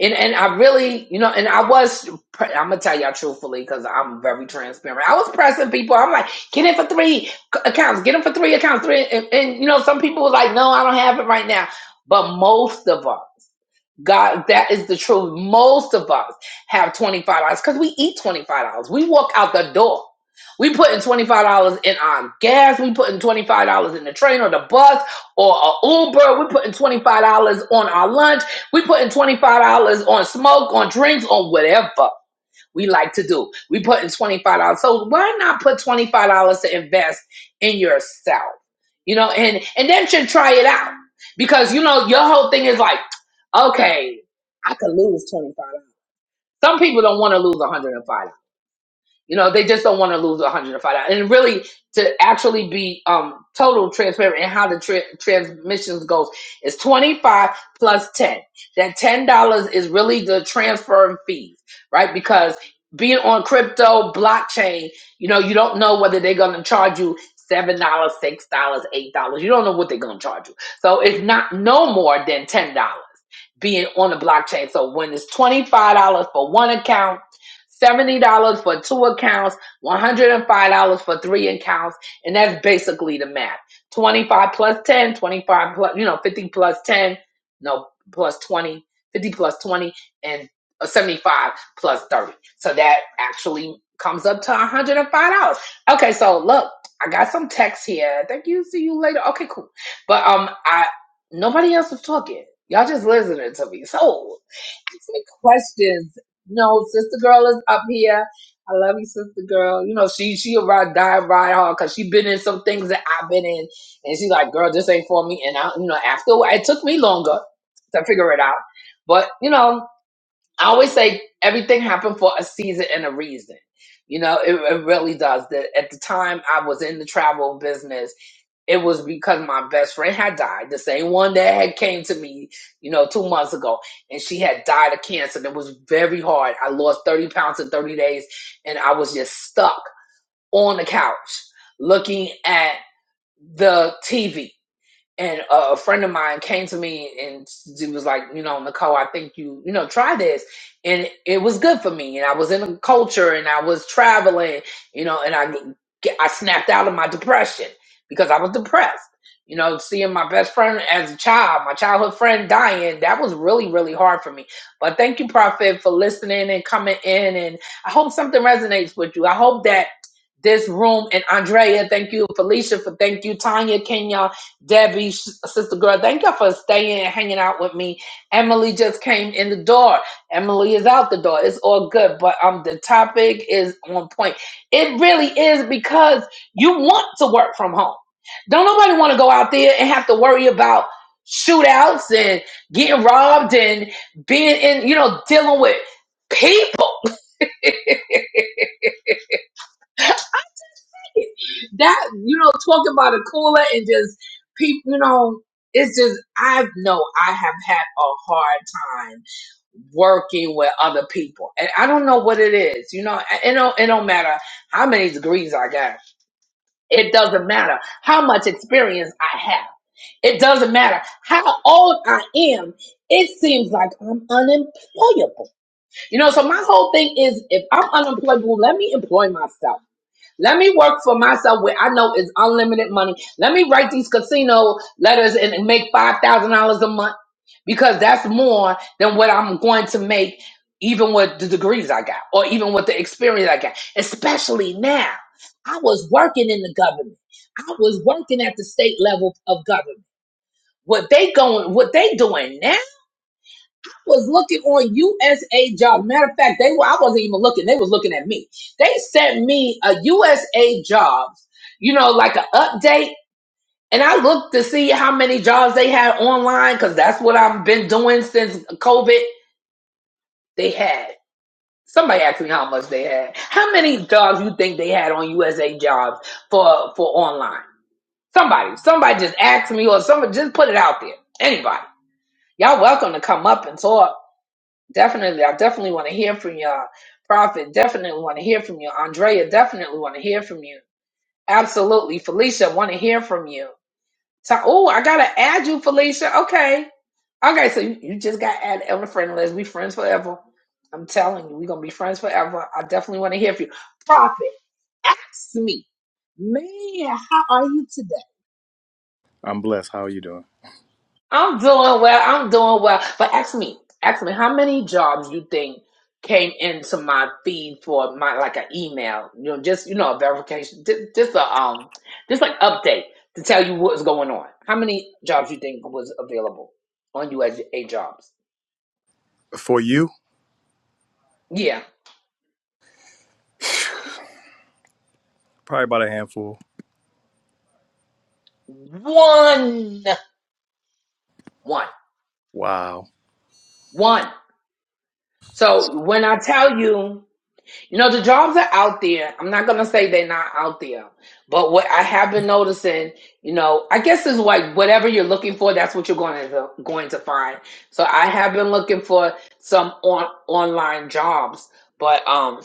Speaker 1: and and I really you know and I was I'm gonna tell y'all truthfully because I'm very transparent I was pressing people I'm like get in for three accounts get them for three accounts three and, and you know some people were like no I don't have it right now but most of us God, that is the truth. Most of us have $25 because we eat $25. We walk out the door. We put in $25 in our gas. We put in $25 in the train or the bus or a Uber. We put in $25 on our lunch. We put in $25 on smoke, on drinks, on whatever we like to do. We put in $25. So why not put $25 to invest in yourself? You know, and and then should try it out. Because you know, your whole thing is like, okay, I could lose $25. Some people don't want to lose $105. You know, they just don't want to lose one hundred and five dollars. And really, to actually be um total transparent in how the tra- transmissions goes is twenty five plus ten. That ten dollars is really the transfer fees, right? Because being on crypto blockchain, you know, you don't know whether they're going to charge you seven dollars, six dollars, eight dollars. You don't know what they're going to charge you. So it's not no more than ten dollars being on the blockchain. So when it's twenty five dollars for one account $70 for two accounts, $105 for three accounts, and that's basically the math. 25 plus 10, 25 plus, you know, 50 plus 10, no, plus plus twenty, fifty plus 20, and uh, 75 plus 30. So that actually comes up to $105. Okay, so look, I got some text here. Thank you. See you later. Okay, cool. But um I nobody else was talking. Y'all just listening to me. So ask me questions no, sister girl is up here. I love you, sister girl. You know she she about die right hard because she been in some things that I've been in, and she like, girl, this ain't for me. And I, you know, after a while- it took me longer to figure it out, but you know, I always say everything happened for a season and a reason. You know, it, it really does. That at the time I was in the travel business it was because my best friend had died, the same one that had came to me, you know, two months ago, and she had died of cancer. And it was very hard. I lost 30 pounds in 30 days, and I was just stuck on the couch looking at the TV and a, a friend of mine came to me and she was like, you know, Nicole, I think you, you know, try this. And it was good for me. And I was in a culture and I was traveling, you know, and I, get- I snapped out of my depression because I was depressed. You know, seeing my best friend as a child, my childhood friend dying, that was really, really hard for me. But thank you, Prophet, for listening and coming in. And I hope something resonates with you. I hope that this room and Andrea, thank you, Felicia, for thank you, Tanya, Kenya, Debbie, sister girl, thank y'all for staying and hanging out with me. Emily just came in the door. Emily is out the door. It's all good, but um, the topic is on point. It really is because you want to work from home. Don't nobody want to go out there and have to worry about shootouts and getting robbed and being in, you know, dealing with people. that you know talk about a cooler and just people you know it's just i know i have had a hard time working with other people and i don't know what it is you know it don't, it don't matter how many degrees i got it doesn't matter how much experience i have it doesn't matter how old i am it seems like i'm unemployable you know so my whole thing is if i'm unemployable let me employ myself let me work for myself where I know it's unlimited money. Let me write these casino letters and make five thousand dollars a month because that's more than what I'm going to make, even with the degrees I got or even with the experience I got. Especially now, I was working in the government. I was working at the state level of government. What they going? What they doing now? was looking on USA job. Matter of fact, they were I wasn't even looking, they was looking at me. They sent me a USA jobs, you know, like an update. And I looked to see how many jobs they had online, because that's what I've been doing since COVID. They had. Somebody asked me how much they had. How many jobs you think they had on USA jobs for for online? Somebody. Somebody just asked me or somebody just put it out there. Anybody. Y'all welcome to come up and talk. Definitely, I definitely want to hear from y'all. Prophet, definitely want to hear from you. Andrea, definitely want to hear from you. Absolutely. Felicia, want to hear from you. So, oh, I got to add you, Felicia. Okay. Okay, so you, you just got to add Elder Friend let We friends forever. I'm telling you, we're going to be friends forever. I definitely want to hear from you. Prophet, ask me, man, how are you today?
Speaker 4: I'm blessed. How are you doing?
Speaker 1: I'm doing well. I'm doing well. But ask me, ask me, how many jobs you think came into my feed for my like an email? You know, just you know, a verification, just, just a um, just like update to tell you what's going on. How many jobs you think was available on USA Jobs?
Speaker 4: For you,
Speaker 1: Yeah,
Speaker 4: probably about a handful.
Speaker 1: one, one,
Speaker 4: Wow.
Speaker 1: one. So when I tell you. You know, the jobs are out there. I'm not gonna say they're not out there, but what I have been noticing, you know, I guess is like whatever you're looking for, that's what you're going to going to find. So I have been looking for some on online jobs, but um,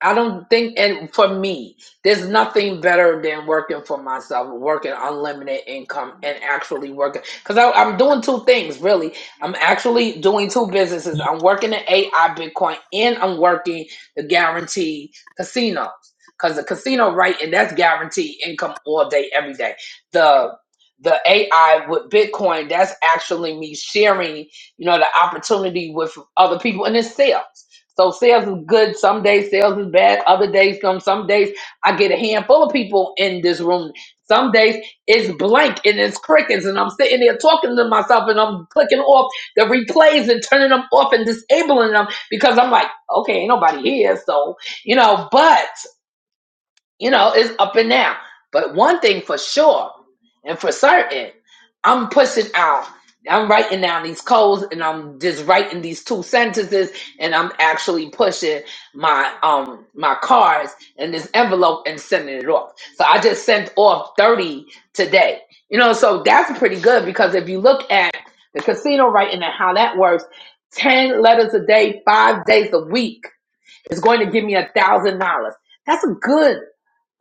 Speaker 1: I don't think, and for me, there's nothing better than working for myself, working unlimited income, and actually working. Because I'm doing two things, really. I'm actually doing two businesses. I'm working at AI Bitcoin, and I'm working the guaranteed casinos. Because the casino, right, and that's guaranteed income all day, every day. The the AI with Bitcoin, that's actually me sharing, you know, the opportunity with other people, and it's sales. So sales is good. Some days sales is bad. Other days come. Some days I get a handful of people in this room. Some days it's blank and it's crickets, and I'm sitting there talking to myself, and I'm clicking off the replays and turning them off and disabling them because I'm like, okay, ain't nobody here, so you know. But you know, it's up and down. But one thing for sure and for certain, I'm pushing out. I'm writing down these codes and I'm just writing these two sentences and I'm actually pushing my um my cards in this envelope and sending it off. So I just sent off 30 today. You know, so that's pretty good because if you look at the casino writing and how that works, 10 letters a day, five days a week is going to give me a thousand dollars. That's a good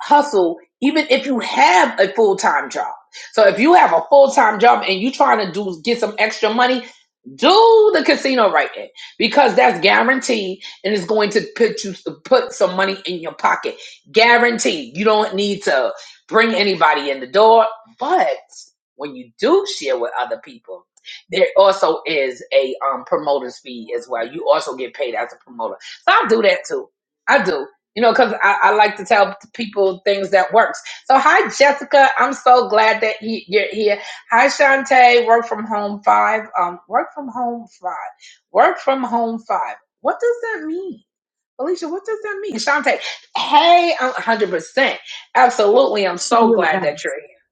Speaker 1: hustle even if you have a full-time job so if you have a full-time job and you are trying to do get some extra money do the casino writing because that's guaranteed and it's going to put you put some money in your pocket guaranteed you don't need to bring anybody in the door but when you do share with other people there also is a um, promoter's fee as well you also get paid as a promoter so i do that too i do you know, because I, I like to tell people things that works. So hi, Jessica. I'm so glad that he, you're here. Hi, Shantae. Work from home five. Um, work from home five. Work from home five. What does that mean, Alicia? What does that mean, Shantae? Hey, I'm 100. percent Absolutely. I'm
Speaker 5: question
Speaker 1: so
Speaker 5: you
Speaker 1: glad
Speaker 5: had
Speaker 1: that
Speaker 5: asked.
Speaker 1: you're here.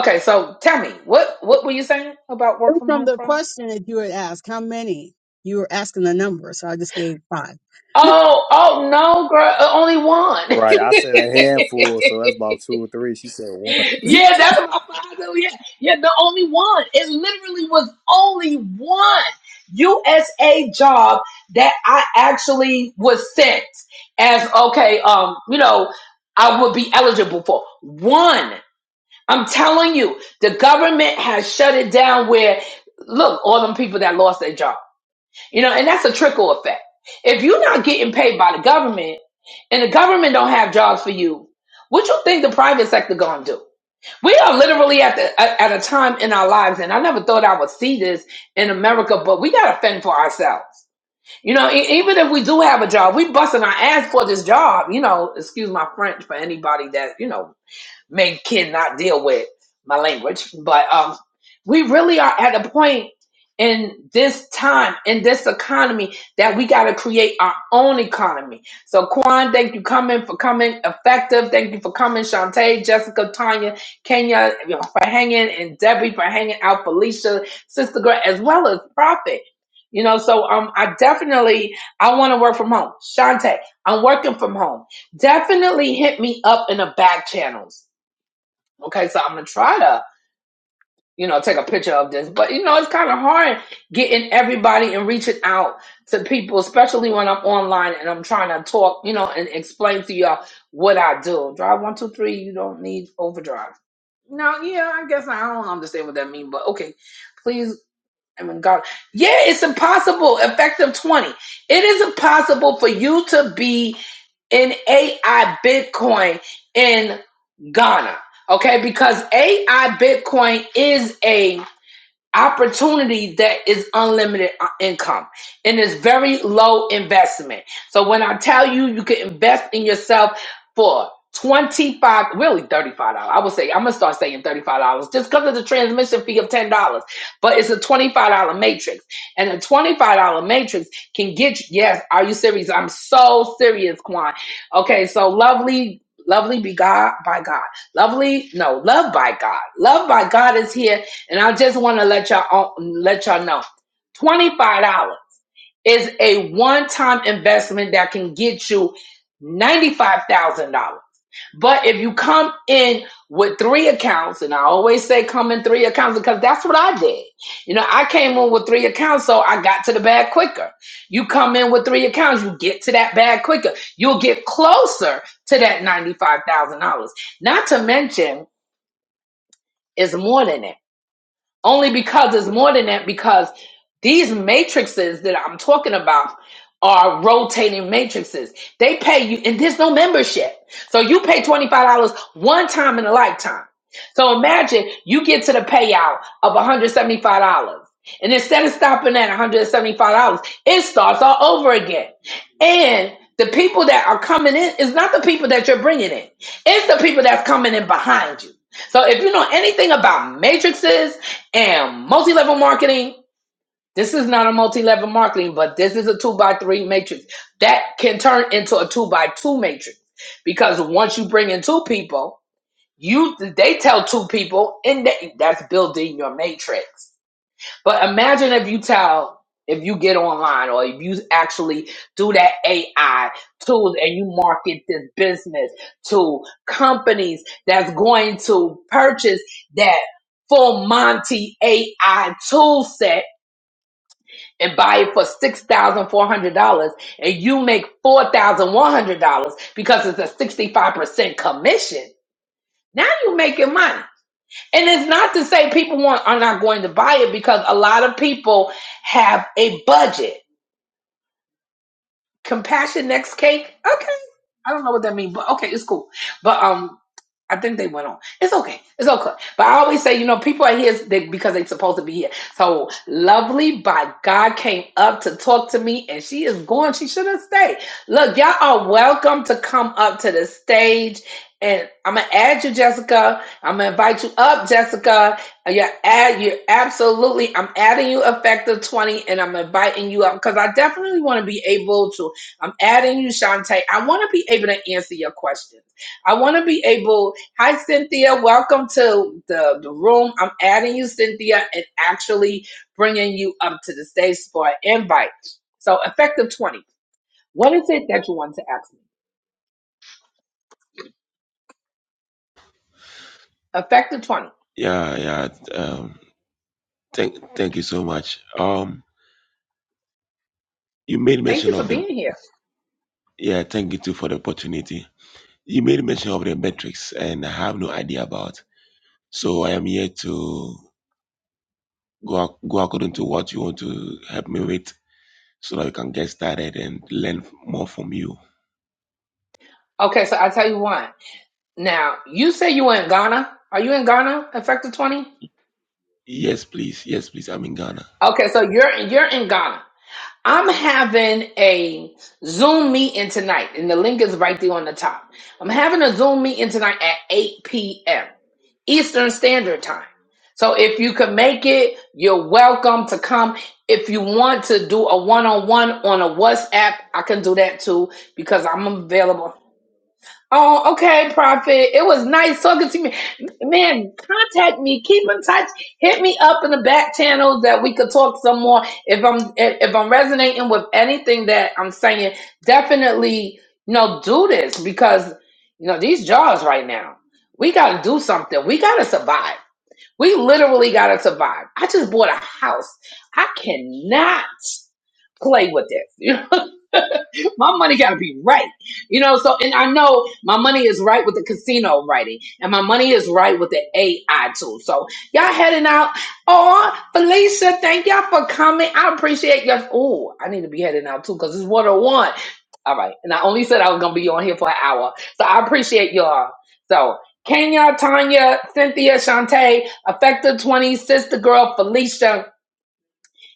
Speaker 1: Okay, so tell me what what were you saying about
Speaker 5: It
Speaker 1: work
Speaker 5: was
Speaker 1: from
Speaker 5: From
Speaker 1: home
Speaker 5: the
Speaker 1: five?
Speaker 5: question that you had asked, how many? You were asking the number, so I just gave five.
Speaker 1: Oh, oh no, girl, uh, only one.
Speaker 4: Right. I said a handful, so that's about two or three. She said one.
Speaker 1: yeah, that's my father. Yeah, yeah, the only one. It literally was only one USA job that I actually was sent as okay. Um, you know, I would be eligible for one. I'm telling you, the government has shut it down. Where look, all them people that lost their job, you know, and that's a trickle effect. If you're not getting paid by the government, and the government don't have jobs for you, what you think the private sector gonna do? We are literally at the at at a time in our lives, and I never thought I would see this in America, but we gotta fend for ourselves. You know, e- even if we do have a job, we busting our ass for this job. You know, excuse my French for anybody that you know May cannot deal with my language. But um, we really are at a point in this time, in this economy, that we got to create our own economy. So, Quan, thank you coming for coming. Effective, thank you for coming. Shantae, Jessica, Tanya, Kenya you know, for hanging, and Debbie for hanging out. Felicia, Sister Girl, as well as Prophet. You know, so um, I definitely I want to work from home. Shantae, I'm working from home. Definitely hit me up in the back channels Okay, so I'm gonna try to, you know, take a picture of this. But you know, it's kind of hard getting everybody and reaching out to people, especially when I'm online and I'm trying to talk, you know, and explain to y'all what I do. Drive one, two, three. You don't need overdrive. No, yeah, I guess I don't understand what that means, but okay. Please, I mean, God, yeah, it's impossible. Effective twenty, it is impossible for you to be in AI Bitcoin in Ghana. Okay, because AI Bitcoin is a opportunity that is unlimited uh, income and is very low investment. So when I tell you you can invest in yourself for 25 really $35 i would say i'm gonna start saying $35 just because of the transmission fee of $10 but it's a $25 matrix and a $25 matrix can get you yes are you serious i'm so serious Quan. okay so lovely lovely be god by god lovely no love by god love by god is here and I just want to let y'all let y'all know, twenty five dollars is a one time investment that can get you ninety five thousand dollars. But if you come in with three accounts, and I always say come in three accounts because that's what I did. You know, I came in with three accounts, so I got to the bag quicker. You come in with three accounts, you get to that bag quicker. You'll get closer to that ninety five thousand dollars. Not to mention, it's more than that only because it's more than that, because these matrices that I'm talking about are rotating matrices. They pay you, and there's no membership. So you pay $25 one time in a lifetime. So imagine you get to the payout of $175. And instead of stopping at $175, it starts all over again. And the people that are coming in is not the people that you're bringing in, it's the people that's coming in behind you. So if you know anything about matrices, am. Multi level marketing. This is not a multi level marketing, but this is a two by three matrix that can turn into a two by two matrix because once you bring in two people, you they tell two people, and they, that's building your matrix. But imagine if you tell, if you get online or if you actually do that AI tools and you market this business to companies that's going to purchase that full Monty AI tool set and buy it for $6,400 and you make $4,100 because it's a 65% commission. Now you're making money. And it's not to say people want are not going to buy it because a lot of people have a budget. Compassion next cake. Okay. I don't know what that means, but okay, it's cool. But um I think they went on. It's okay. It's okay. But I always say, you know, people are here they, because they're supposed to be here. So lovely by God came up to talk to me and she is going. She should have stayed. Look, y'all are welcome to come up to the stage. And I'm gonna add you, Jessica. I'm gonna invite you up, Jessica. You're add you're absolutely I'm adding you effective 20 and I'm inviting you up because I definitely want to be able to. I'm adding you, Shantae. I want to be able to answer your questions. I want to be able. Hi, Cynthia. Welcome to the, the room. I'm adding you, Cynthia, and actually bringing you up to the stage for an invite. So, effective 20. What is it that you want to ask me? Effective 20.
Speaker 6: Yeah, yeah. Um, thank, thank you so much. Um, you made
Speaker 1: Thank
Speaker 6: mention
Speaker 1: you for
Speaker 6: of the
Speaker 1: being here.
Speaker 6: yeah. Thank you too for the opportunity. You made mention of the metrics, and I have no idea about. So I am here to go ac- go according to what you want to help me with, so that we can get started and learn f- more from you.
Speaker 1: Okay, so I'll tell you one. Now, you say you were in Ghana. Are you in Ghana, effective 20?
Speaker 6: Yes, please. Yes, please. I'm in Ghana.
Speaker 1: Okay, so you're you're in Ghana. I'm having a Zoom meeting tonight, and the link is right there on the top. I'm having a Zoom meeting tonight at 8 p.m. Eastern Standard Time. So if you can make it, you're welcome to come. If you want to do a one on one on a WhatsApp, I can do that too because I'm available. Oh, okay, Prophet. It was nice talking to me. Man, contact me. Keep in touch. Hit me up in the back channels that we could talk some more. If I'm if if I'm resonating with anything that I'm saying, definitely, you know, do this because you know these jobs right now. We gotta do something. We gotta survive. We literally gotta survive. I just bought a house. I cannot play with this. my money got to be right. You know, so, and I know my money is right with the casino writing and my money is right with the AI tool. So y'all heading out. Oh, Felicia, thank y'all for coming. I appreciate y'all. Oh, I need to be heading out too because it's 101. All right. And I only said I was going to be on here for an hour. So I appreciate y'all. So Kenya, Tanya, Cynthia, Shantae, Effective 20, Sister Girl, Felicia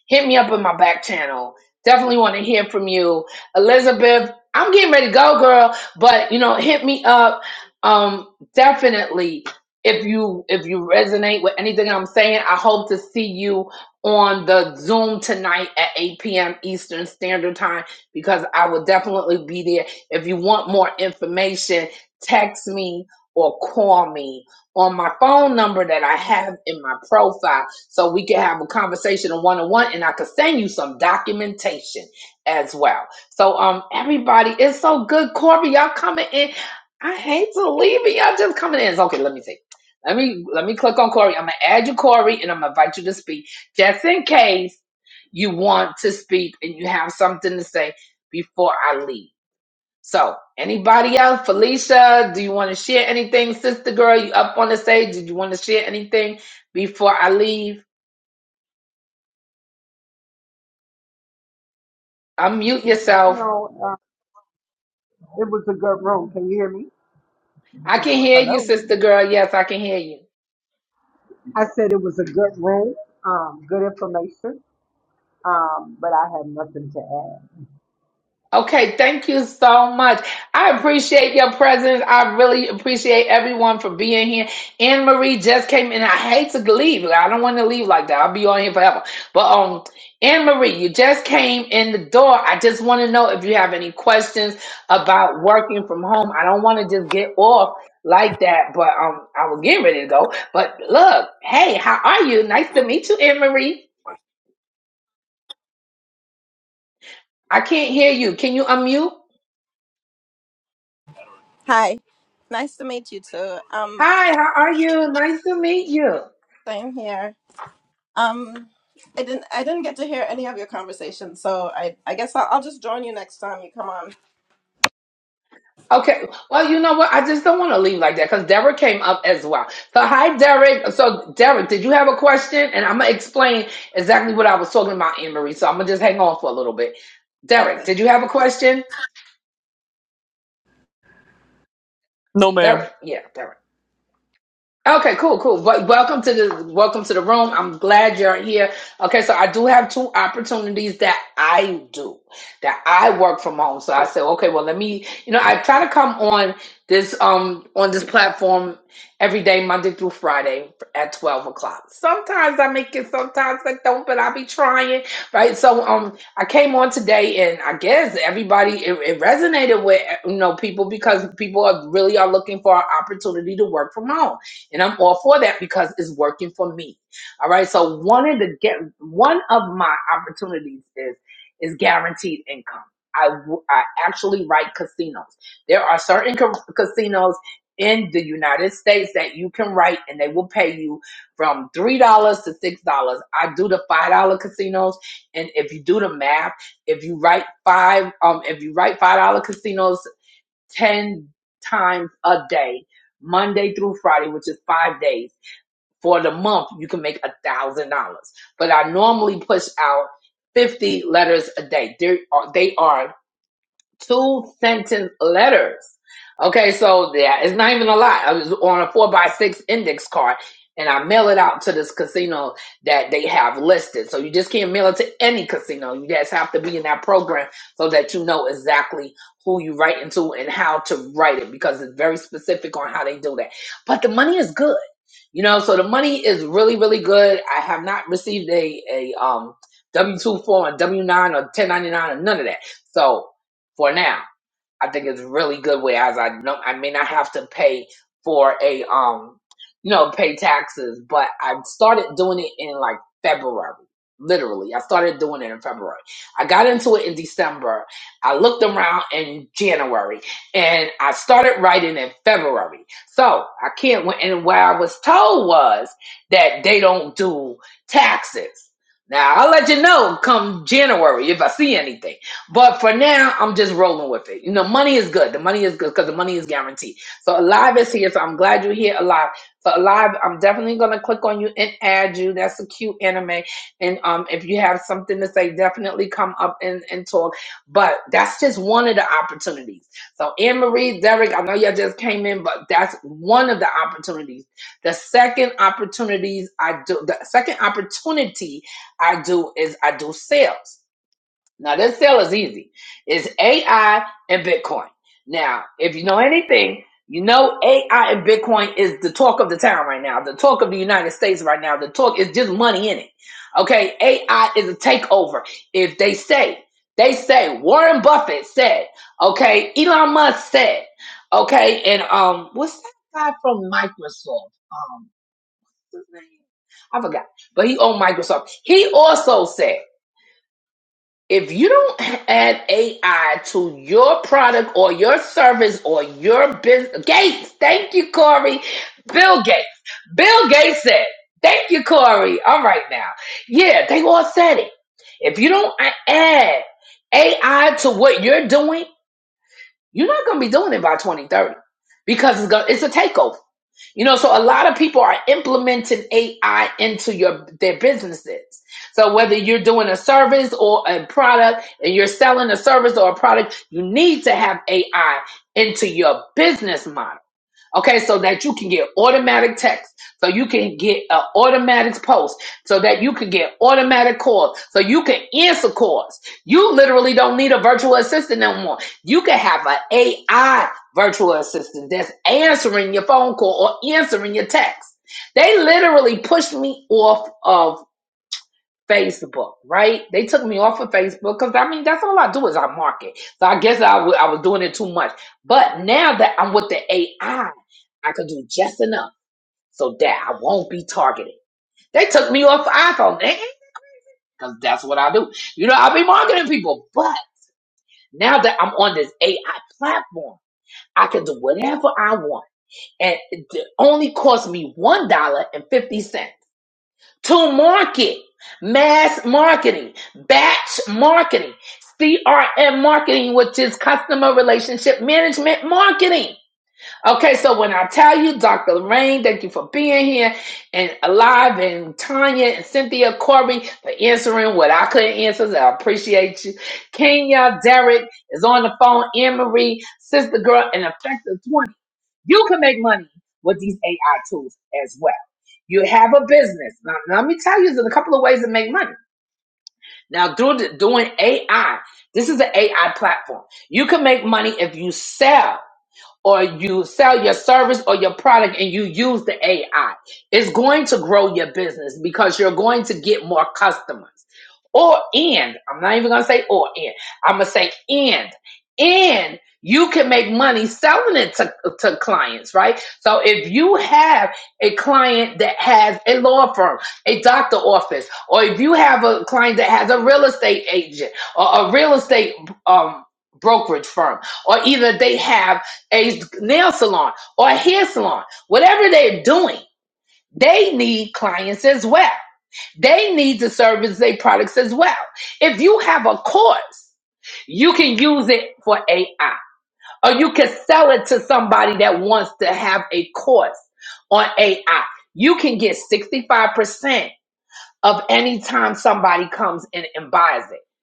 Speaker 1: hit me up in my back channel. Definitely want to hear from you, Elizabeth. I'm getting ready to go, girl. But you know, hit me up. Um, definitely. If you if you resonate with anything I'm saying, I hope to see you on the Zoom tonight at 8 p.m. Eastern Standard Time because I will definitely be there. If you want more information, text me or call me on my phone number that I have in my profile so we can have a conversation on one-on-one and i can send you some documentation as well so um everybody it's so good corby y'all coming in i hate to leave it y'all just coming in It's okay let me see let me let me click on corey i'm gonna add you corey and i'm gonna invite you to speak just in case you want to speak and you have something to say before i leave so anybody else felicia do you want to share anything sister girl you up on the stage did you want to share anything before i leave Unmute
Speaker 2: you
Speaker 1: yourself.
Speaker 2: know, uh, it was a good road. Can you hear me?
Speaker 1: I can hear you,
Speaker 2: Hello.
Speaker 1: sister girl. Yes, I can hear you.
Speaker 2: I said it was a good good room, um, good information, um, but I have nothing to add.
Speaker 1: Okay, thank you so much. I appreciate your presence. I really appreciate everyone for being here. Anne Marie just came in. I hate to leave. I don't want to leave like that. I'll be on here forever. But um, Anne Marie, you just came in the door. I just want to know if you have any questions about working from home. I don't want to just get off like that, but um, I was getting ready to go. But look, hey, how are you? Nice to meet you, Anne Marie. I can't hear you. Can you unmute?
Speaker 7: Hi, nice to meet you too. Um,
Speaker 1: Hi, how are you? Nice to meet you.
Speaker 7: same here. Um, I didn't I didn't get to hear any of your conversation, so I I guess I'll, I'll just join you next time you come on.
Speaker 1: Okay. Well, you know what? I just don't want to leave like that because Derek came up as well. So, hi, Derek. So, Derek, did you have a question? And I'm going to explain exactly what I was talking about, Anne Marie. So, I'm going to just hang on for a little bit. Derek,
Speaker 7: Okay.
Speaker 1: did you have a question?
Speaker 8: No, ma'am.
Speaker 1: Derek, yeah, Derek. Okay, cool, cool. Wel- Welcome to the welcome to the room. I'm glad you're here. Okay, so I do have two opportunities that I do that I work from home. So I said, okay, well, let me. You know, I try to come on this um on this platform every day, Monday through Friday at twelve o'clock. Sometimes I make it, sometimes I don't, but I be trying, right? So um, I came on today, and I guess everybody it, it resonated with you know people because people are really are looking for an opportunity to work from home and I'm all for that because it's working for me. All right. So one of the get one of my opportunities is is guaranteed income. I, w- I actually write casinos. There are certain ca- casinos in the United States that you can write and they will pay you from $3 to $6. I do the $5 casinos and if you do the math, if you write five um if you write $5 casinos 10 times a day, Monday through Friday, which is five days. For the month, you can make a thousand dollars. But I normally push out 50 letters a day. They are, they are two sentence letters. Okay, so yeah, it's not even a lot. I was on a four by six index card and I mail it out to this casino that they have listed. So you just can't mail it to any casino. You just have to be in that program so that you know exactly who you write into and how to write it because it's very specific on how they do that. But the money is good. You know, so the money is really, really good. I have not received a, a um W two form, a W nine or ten ninety nine or none of that. So for now. I think it's really good way as I know I may not have to pay for a um you know pay taxes, but I started doing it in like February. Literally, I started doing it in February. I got into it in December. I looked around in January, and I started writing in February. So I can't. And what I was told was that they don't do taxes. Now I'll let you know come January if I see anything. But for now, I'm just rolling with it. You know, money is good. The money is good because the money is guaranteed. So Alive is here. So I'm glad you're here, Alive. So Alive, I'm definitely gonna click on you and add you. That's a cute anime. And um, if you have something to say, definitely come up and, and talk. But that's just one of the opportunities. So Anne Marie, Derek, I know y'all just came in, but that's one of the opportunities. The second opportunities I do, the second opportunity I do is I do sales. Now this sale is easy. It's AI and Bitcoin. Now, if you know anything, you know AI and Bitcoin is the talk of the town right now, the talk of the United States right now. The talk is just money in it. Okay, AI is a takeover. If they say, they say Warren Buffett said, okay, Elon Musk said, okay, and um, what's that guy from Microsoft? Um, what's his name? I forgot, but he owned Microsoft. He also said. If you don't add AI to your product or your service or your business, Gates, thank you, Corey. Bill Gates. Bill Gates said, thank you, Corey. All right now. Yeah, they all said it. If you don't a- add AI to what you're doing, you're not going to be doing it by 2030 because it's, gonna, it's a takeover. You know, so a lot of people are implementing AI into your their businesses. So whether you're doing a service or a product and you're selling a service or a product, you need to have AI into your business model. Okay, so that you can get automatic text, so you can get an automatic post, so that you can get automatic calls, so you can answer calls. You literally don't need a virtual assistant no more. You can have an AI virtual assistant that's answering your phone call or answering your text. They literally pushed me off of. Facebook, right? They took me off of Facebook because I mean that's all I do is I market. So I guess I w- I was doing it too much. But now that I'm with the AI, I I can do just enough so that I won't be targeted. They took me off iPhone, because that's what I do. You know, I be marketing people. But now that I'm on this AI platform, I can do whatever I want. And it only cost me $1.50. to market, mass marketing, batch marketing, CRM marketing, which is customer relationship management marketing. Okay, so when I tell you, Dr. Lorraine, thank you for being here and alive, and Tanya and Cynthia Corby for answering what I couldn't answer. So I appreciate you. Kenya, Derek is on the phone, Anne Marie, Sister Girl, and Effective 20. You can make money with these AI tools as well. You have a business. Now, now let me tell you, there's a couple of ways to make money. Now, through doing AI, this is an AI platform. You can make money if you sell or you sell your service or your product and you use the AI. It's going to grow your business because you're going to get more customers. Or and I'm not even gonna say or and I'm gonna say and and you can make money selling it to, to clients, right? So if you have a client that has a law firm, a doctor office, or if you have a client that has a real estate agent or a real estate um, brokerage firm, or either they have a nail salon or a hair salon, whatever they're doing, they need clients as well. They need to service their products as well. If you have a course, you can use it for AI or you can sell it to somebody that wants to have a course on AI. You can get 65% of any time somebody comes in and buys it.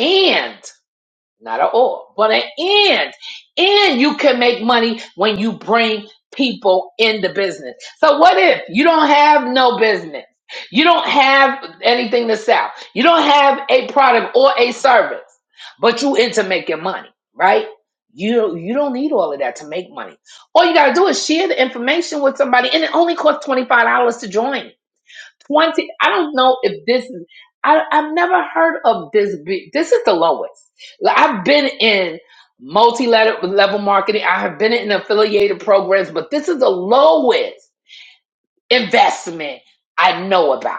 Speaker 1: and not an or, but an and. And you can make money when you bring people in the business. So what if you don't have no business? You don't have anything to sell. You don't have a product or a service, but you into making money, right? You you don't need all of that to make money. All you gotta do is share the information with somebody, and it only costs twenty five dollars to join. 20 i don't know if this is I, i've never heard of this be, this is the lowest like, i've been in multi-level level marketing i have been in affiliated programs but this is the lowest investment i know about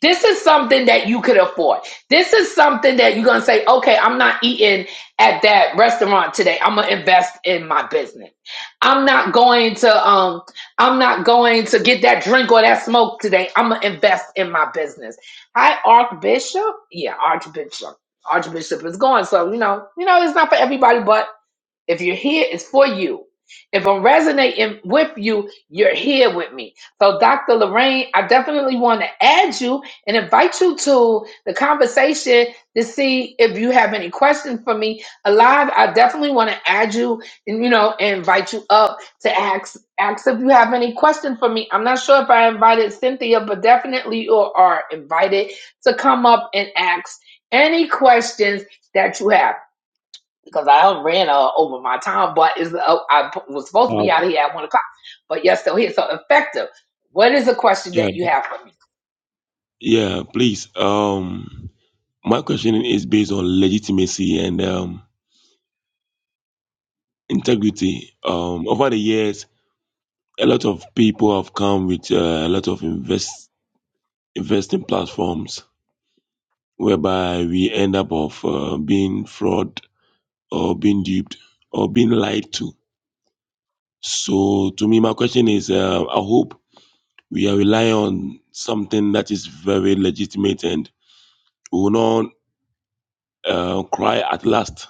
Speaker 1: this is something that you could afford. This is something that you're going to say, okay, I'm not eating at that restaurant today. I'm going to invest in my business. I'm not going to, um, I'm not going to get that drink or that smoke today. I'm going to invest in my business. Hi, Archbishop. Yeah, Archbishop. Archbishop is gone. So, you know, you know, it's not for everybody, but if you're here, it's for you. If I'm resonating with you, you're here with me. So, Dr. Lorraine, I definitely want to add you and invite you to the conversation to see if you have any questions for me. Alive, I definitely want to add you and you know and invite you up to ask ask if you have any questions for me. I'm not sure if I invited Cynthia, but definitely you are invited to come up and ask any questions that you have because I ran uh, over my time, but it's, uh, I p- was supposed to
Speaker 6: Uh,
Speaker 1: be out of here at one o'clock, but you're still here. So effective. What is the question
Speaker 6: yeah,
Speaker 1: that you have for me?
Speaker 6: yeah. Please. Um, my question is based on legitimacy and um integrity. Um, over the years. a lot of people have come with uh, a lot of invest investing platforms whereby we end up of uh, being fraud or being duped or being lied to. So to me, my question is: uh, I hope we are relying on something that is very legitimate and we will not uh, cry at last,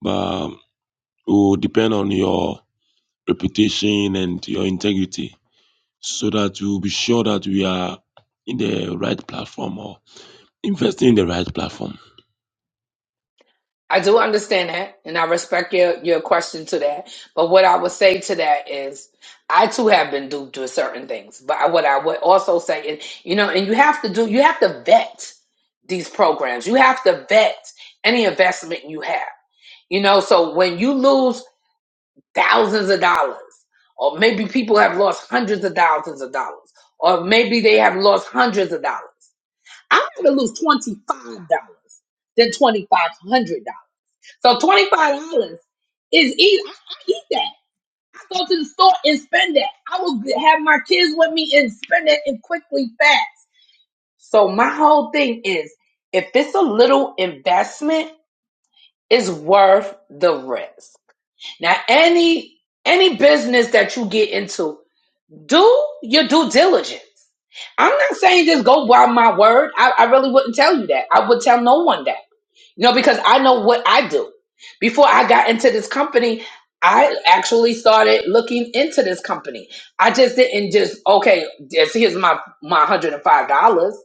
Speaker 6: but we will depend on your reputation and your integrity so that we will be sure that we are in the right platform or Investing in the right platform.
Speaker 1: I do understand that, and I respect your your question to that. But what I would say to that is, I too have been duped to certain things. But I, what I would also say is, you know, and you have to do, you have to vet these programs. You have to vet any investment you have. You know, so when you lose. thousands of dollars, or maybe people have lost hundreds of thousands of dollars, or maybe they have lost hundreds of dollars. I'm going to lose twenty five dollars than twenty five hundred dollars. So twenty five dollars is easy. I, I eat that. I go to the store and spend that. I will have my kids with me and spend it and quickly fast. So my whole thing is, if it's a little investment, it's worth the risk. Now any any business that you get into Do your due diligence. I'm not saying just go by my word. I, I really wouldn't tell you that. I would tell no one that. You know, because I know what I do. Before I got into this company, I actually started looking into this company. I just didn't just okay. Just here's my my one hundred and five dollars.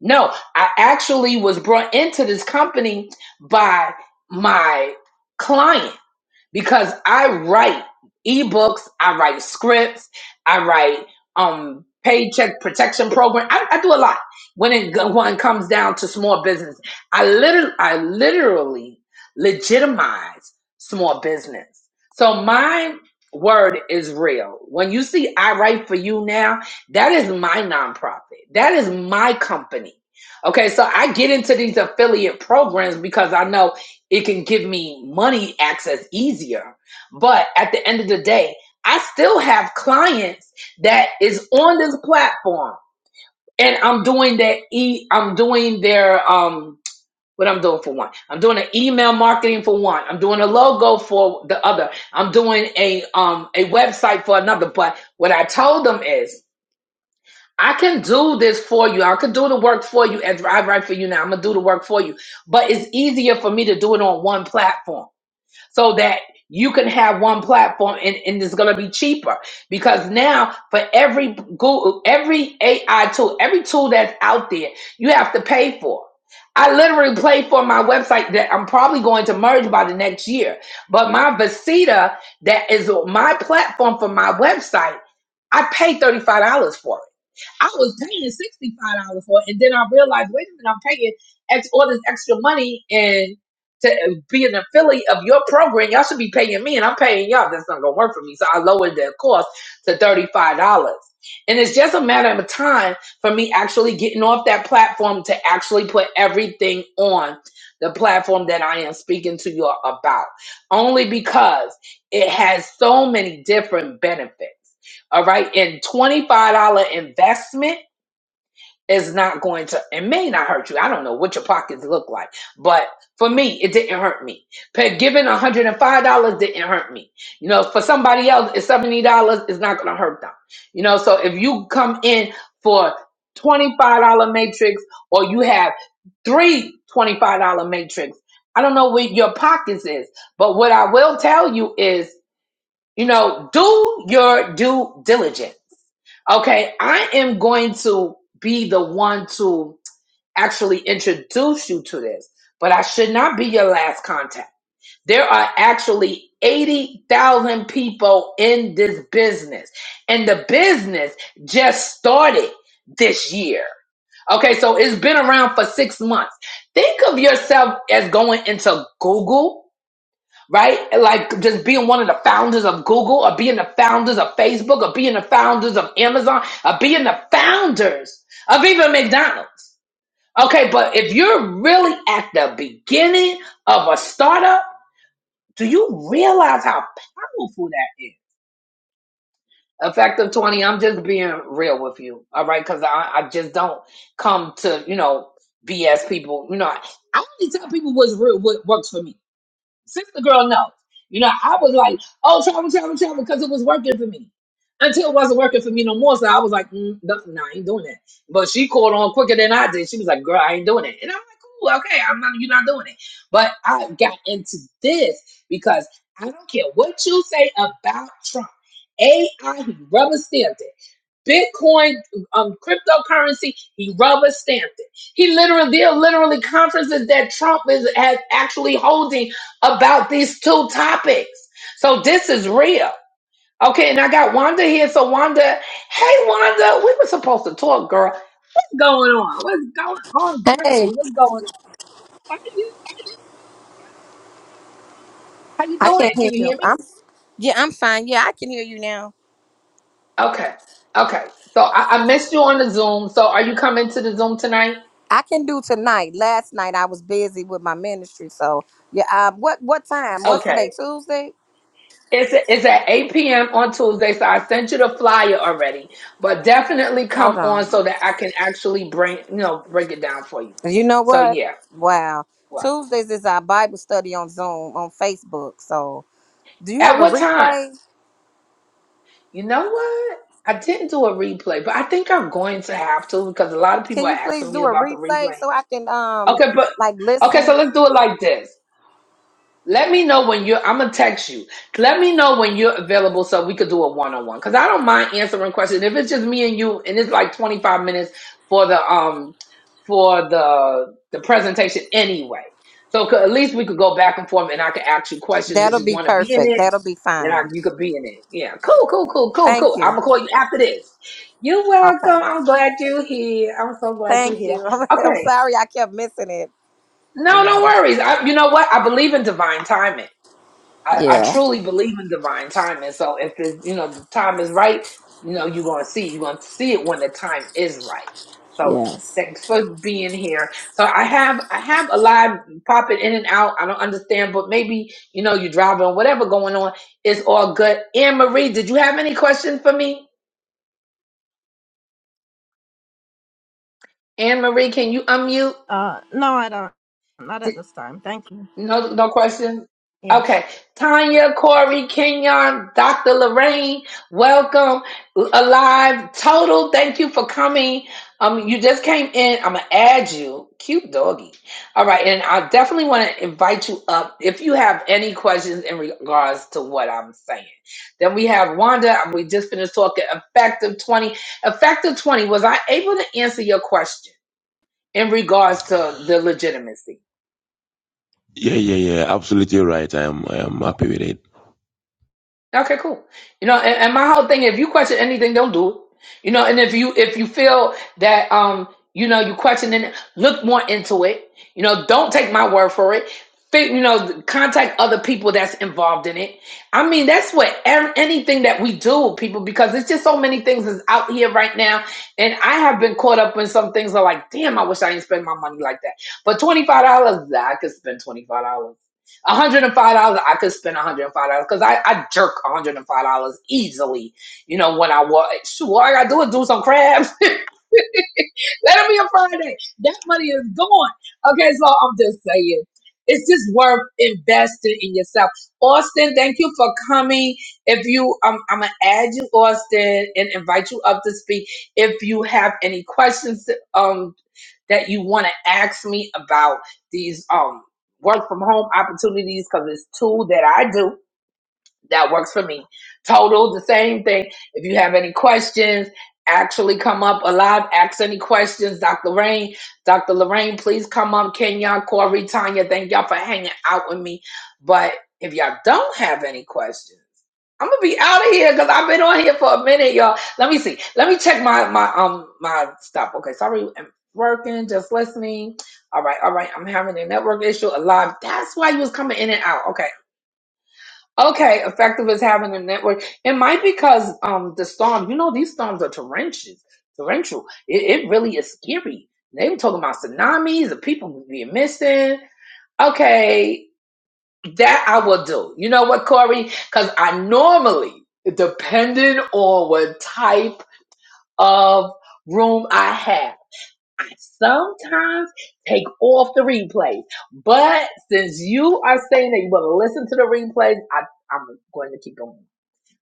Speaker 1: No, I actually was brought into this company by my client because I write ebooks, I write scripts, I write um paycheck protection program. I, I do a lot when it go- when it comes down to small business. I literally I literally legitimize small business. So my word is real. When you see I write for you now, that is my nonprofit. That is my company. Okay, so I get into these affiliate programs because I know it can give me money access easier but at the end of the day i still have clients that is on this platform and i'm doing that e i'm doing their um what i'm doing for one i'm doing an email marketing for one i'm doing a logo for the other i'm doing a um a website for another but what i told them is I can do this for you. I can do the work for you and drive right for you now. I'm going to do the work for you. But it's easier for me to do it on one platform so that you can have one platform and, and it's going to be cheaper because now for every Google, every AI tool, every tool that's out there, you have to pay for. I literally pay for my website that I'm probably going to merge by the next year. But my Visita, that is my platform for my website, I pay $35 for it. I was paying sixty five dollars for it, and then I realized, wait a minute, I'm paying ex- all this extra money and to uh, be an affiliate of your program, y'all should be paying me, and I'm paying y'all. That's not gonna work for me, so I lowered the cost to thirty five dollars. And it's just a matter of time for me actually getting off that platform to actually put everything on the platform that I am speaking to you all about. Only because it has so many different benefits. All right. And $25 investment is not going to, it may not hurt you. I don't know what your pockets look like, but for me, it didn't hurt me. Pa- Giving $105 didn't hurt me. You know, for somebody else, it's $70 It's not going to hurt them. You know, so if you come in for $25 matrix or you have three twenty dollars matrix, I don't know what your pockets is, but what I will tell you is, you know, do your due diligence Okay, I am going to be the one to actually introduce you to this, but I should not be your last contact. There are actually 80,000 people in this business, and the business just started this year. Okay, so it's been around for six months. Think of yourself as going into Google right? Like just being one of the founders of Google or being the founders of Facebook or being the founders of Amazon or being the founders of even McDonald's. Okay, but if you're really at the beginning of a startup, do you realize how powerful that is? Effective 20, I'm just being real with you. All right. Cause I, I just don't come to, you know, BS people. You know, I, I only tell people what's real, what works for me. Sister girl knows. You know, I was like, oh, travel, travel, travel, because it was working for me. Until it wasn't working for me no more. So I was like, mm, no, nah, I ain't doing that. But she caught on quicker than I did. She was like, girl, I ain't doing it. And I'm like, cool, okay, I'm not, you're not doing it. But I got into this because I don't care what you say about Trump. AI, he rubber stamped it. Bitcoin, um, cryptocurrency, he rubber stamped it. He literally, they're literally conferences that Trump is has actually holding about these two topics. So this is real. Okay, and I got Wanda here. So Wanda, hey Wanda, we were supposed to talk, girl. What's going on? What's going on, girlie?
Speaker 9: Hey,
Speaker 1: What's going on? How you? How you
Speaker 9: I can't
Speaker 1: doing?
Speaker 9: hear
Speaker 1: Can you
Speaker 9: you.
Speaker 1: hear me?
Speaker 9: I'm yeah, I'm fine. Yeah, I can hear you now.
Speaker 1: Okay. Okay. So I, I missed you on the Zoom. So are you coming to the Zoom tonight?
Speaker 9: I can do tonight. Last night I was busy with my ministry, so yeah. Um, what what time? What's
Speaker 1: Okay.
Speaker 9: today? Tuesday.
Speaker 1: It's it's at 8 p.m. on Tuesday, so I sent you the flyer already. But definitely come
Speaker 9: Hold
Speaker 1: on
Speaker 9: on.
Speaker 1: so that I can actually bring you know break it down for you.
Speaker 9: You know
Speaker 1: So
Speaker 9: what?
Speaker 1: yeah.
Speaker 9: Wow. Tuesdays is our Bible study on Zoom on Facebook. So do you have
Speaker 1: At
Speaker 9: a
Speaker 1: what time?
Speaker 9: replay?
Speaker 1: You know what? I didn't do a replay, but I think I'm going to have to because a lot of people
Speaker 9: Can
Speaker 1: are
Speaker 9: you please
Speaker 1: asking me
Speaker 9: do a
Speaker 1: about the
Speaker 9: replay
Speaker 1: replay.
Speaker 9: so I can um
Speaker 1: Okay, but
Speaker 9: like
Speaker 1: okay, so
Speaker 9: listen?
Speaker 1: let's do it like this. Let me know when you're. I'm gonna text you. Let me know when you're available so we could do a one on one. Cause I don't mind answering questions. If it's just me and you, and it's like 25 minutes for the um for the the presentation anyway. So could, at least we could go back and forth, and I could ask you questions if
Speaker 9: That'll
Speaker 1: you
Speaker 9: be
Speaker 1: want to be in
Speaker 9: perfect.
Speaker 1: it.
Speaker 9: That'll be
Speaker 1: Then I,
Speaker 9: fine.
Speaker 1: you could be in it. Yeah, cool, cool, cool, cool,
Speaker 9: Thank
Speaker 1: cool. I'm
Speaker 9: you.
Speaker 1: gonna call you after this. You're
Speaker 9: Okay.
Speaker 1: welcome. I'm glad you're here. I'm so glad you're
Speaker 9: Thank
Speaker 1: here.
Speaker 9: you. I'm
Speaker 1: Okay.
Speaker 9: sorry I kept missing it. You
Speaker 1: No, no
Speaker 9: know.
Speaker 1: worries. I, you know what? I believe in divine timing. I, I
Speaker 9: Yeah.
Speaker 1: truly believe in divine timing. So if it's you know the time is right, you know you're gonna see you're gonna see it when the time is right. So
Speaker 9: Yes.
Speaker 1: thanks for being here. So I have I have a live popping in and out. I don't understand, but maybe you know you're driving, whatever going on. It's all good. Anne Marie, did you have any questions for me? Anne Marie, can you unmute?
Speaker 7: Uh, no, I don't. Not at this time. Thank you.
Speaker 1: No, no questions.
Speaker 7: Yeah.
Speaker 1: Okay, Tanya, Corey, Kenyon, Dr. Lorraine, welcome alive. Total, thank you for coming. Um, you just came in. I'm gonna add you, cute doggy. All right, and I definitely want to invite you up if you have any questions in regards to what I'm saying. Then we have Wanda. and We just finished talking effective 20. Effective 20. Was I able to answer your question in regards to the legitimacy?
Speaker 6: Yeah, yeah, yeah. Absolutely right. I am I am happy with it.
Speaker 1: Okay, cool. You know, and, and my whole thing, if you question anything, don't do it. You know, and if you if you feel that um, you know, you questioning it, look more into it. You know, don't take my word for it. Fi- You know, contact other people that's involved in it. I mean, that's what ev- anything that we do, people, because it's just so many things is out here right now, and I have been caught up in some things. Are like, damn, I wish I didn't spend my money like that. But twenty five dollars, I could spend twenty five dollars. $105, I could spend $105 because I, I jerk $105 easily, you know, when I want. Shoot, all I gotta do is do some crabs. Let it be a Friday. That money is gone. Okay, so I'm just saying. It's just worth investing in yourself. Austin, thank you for coming. If you um I'm gonna add you, Austin, and invite you up to speak. If you have any questions um that you want to ask me about these um work from home opportunities, because it's two that I do that works for me. Total, the same thing. If you have any questions, actually come up alive. Ask any questions, Dr. Lorraine. Dr. Lorraine, please come up. Kenya, Corey, Tanya, thank y'all for hanging out with me. But if y'all don't have any questions, I'm gonna be out of here because I've been on here for a minute, y'all. Let me see. Let me check my my um my stuff. Okay, sorry, I'm working, just listening. All right, all right. I'm having a network issue. Alive. That's why you was coming in and out. Okay. Okay, effective as having a network. It might because um the storm, you know, these storms are torrential. Torrential. It, it really is scary. They were talking about tsunamis the people being missing. Okay, that I will do. You know what, Corey? Because I normally, depending on what type of room I have, I sometimes take off the replays. But since you are saying that you want to listen to the replays, I, I'm going to keep going.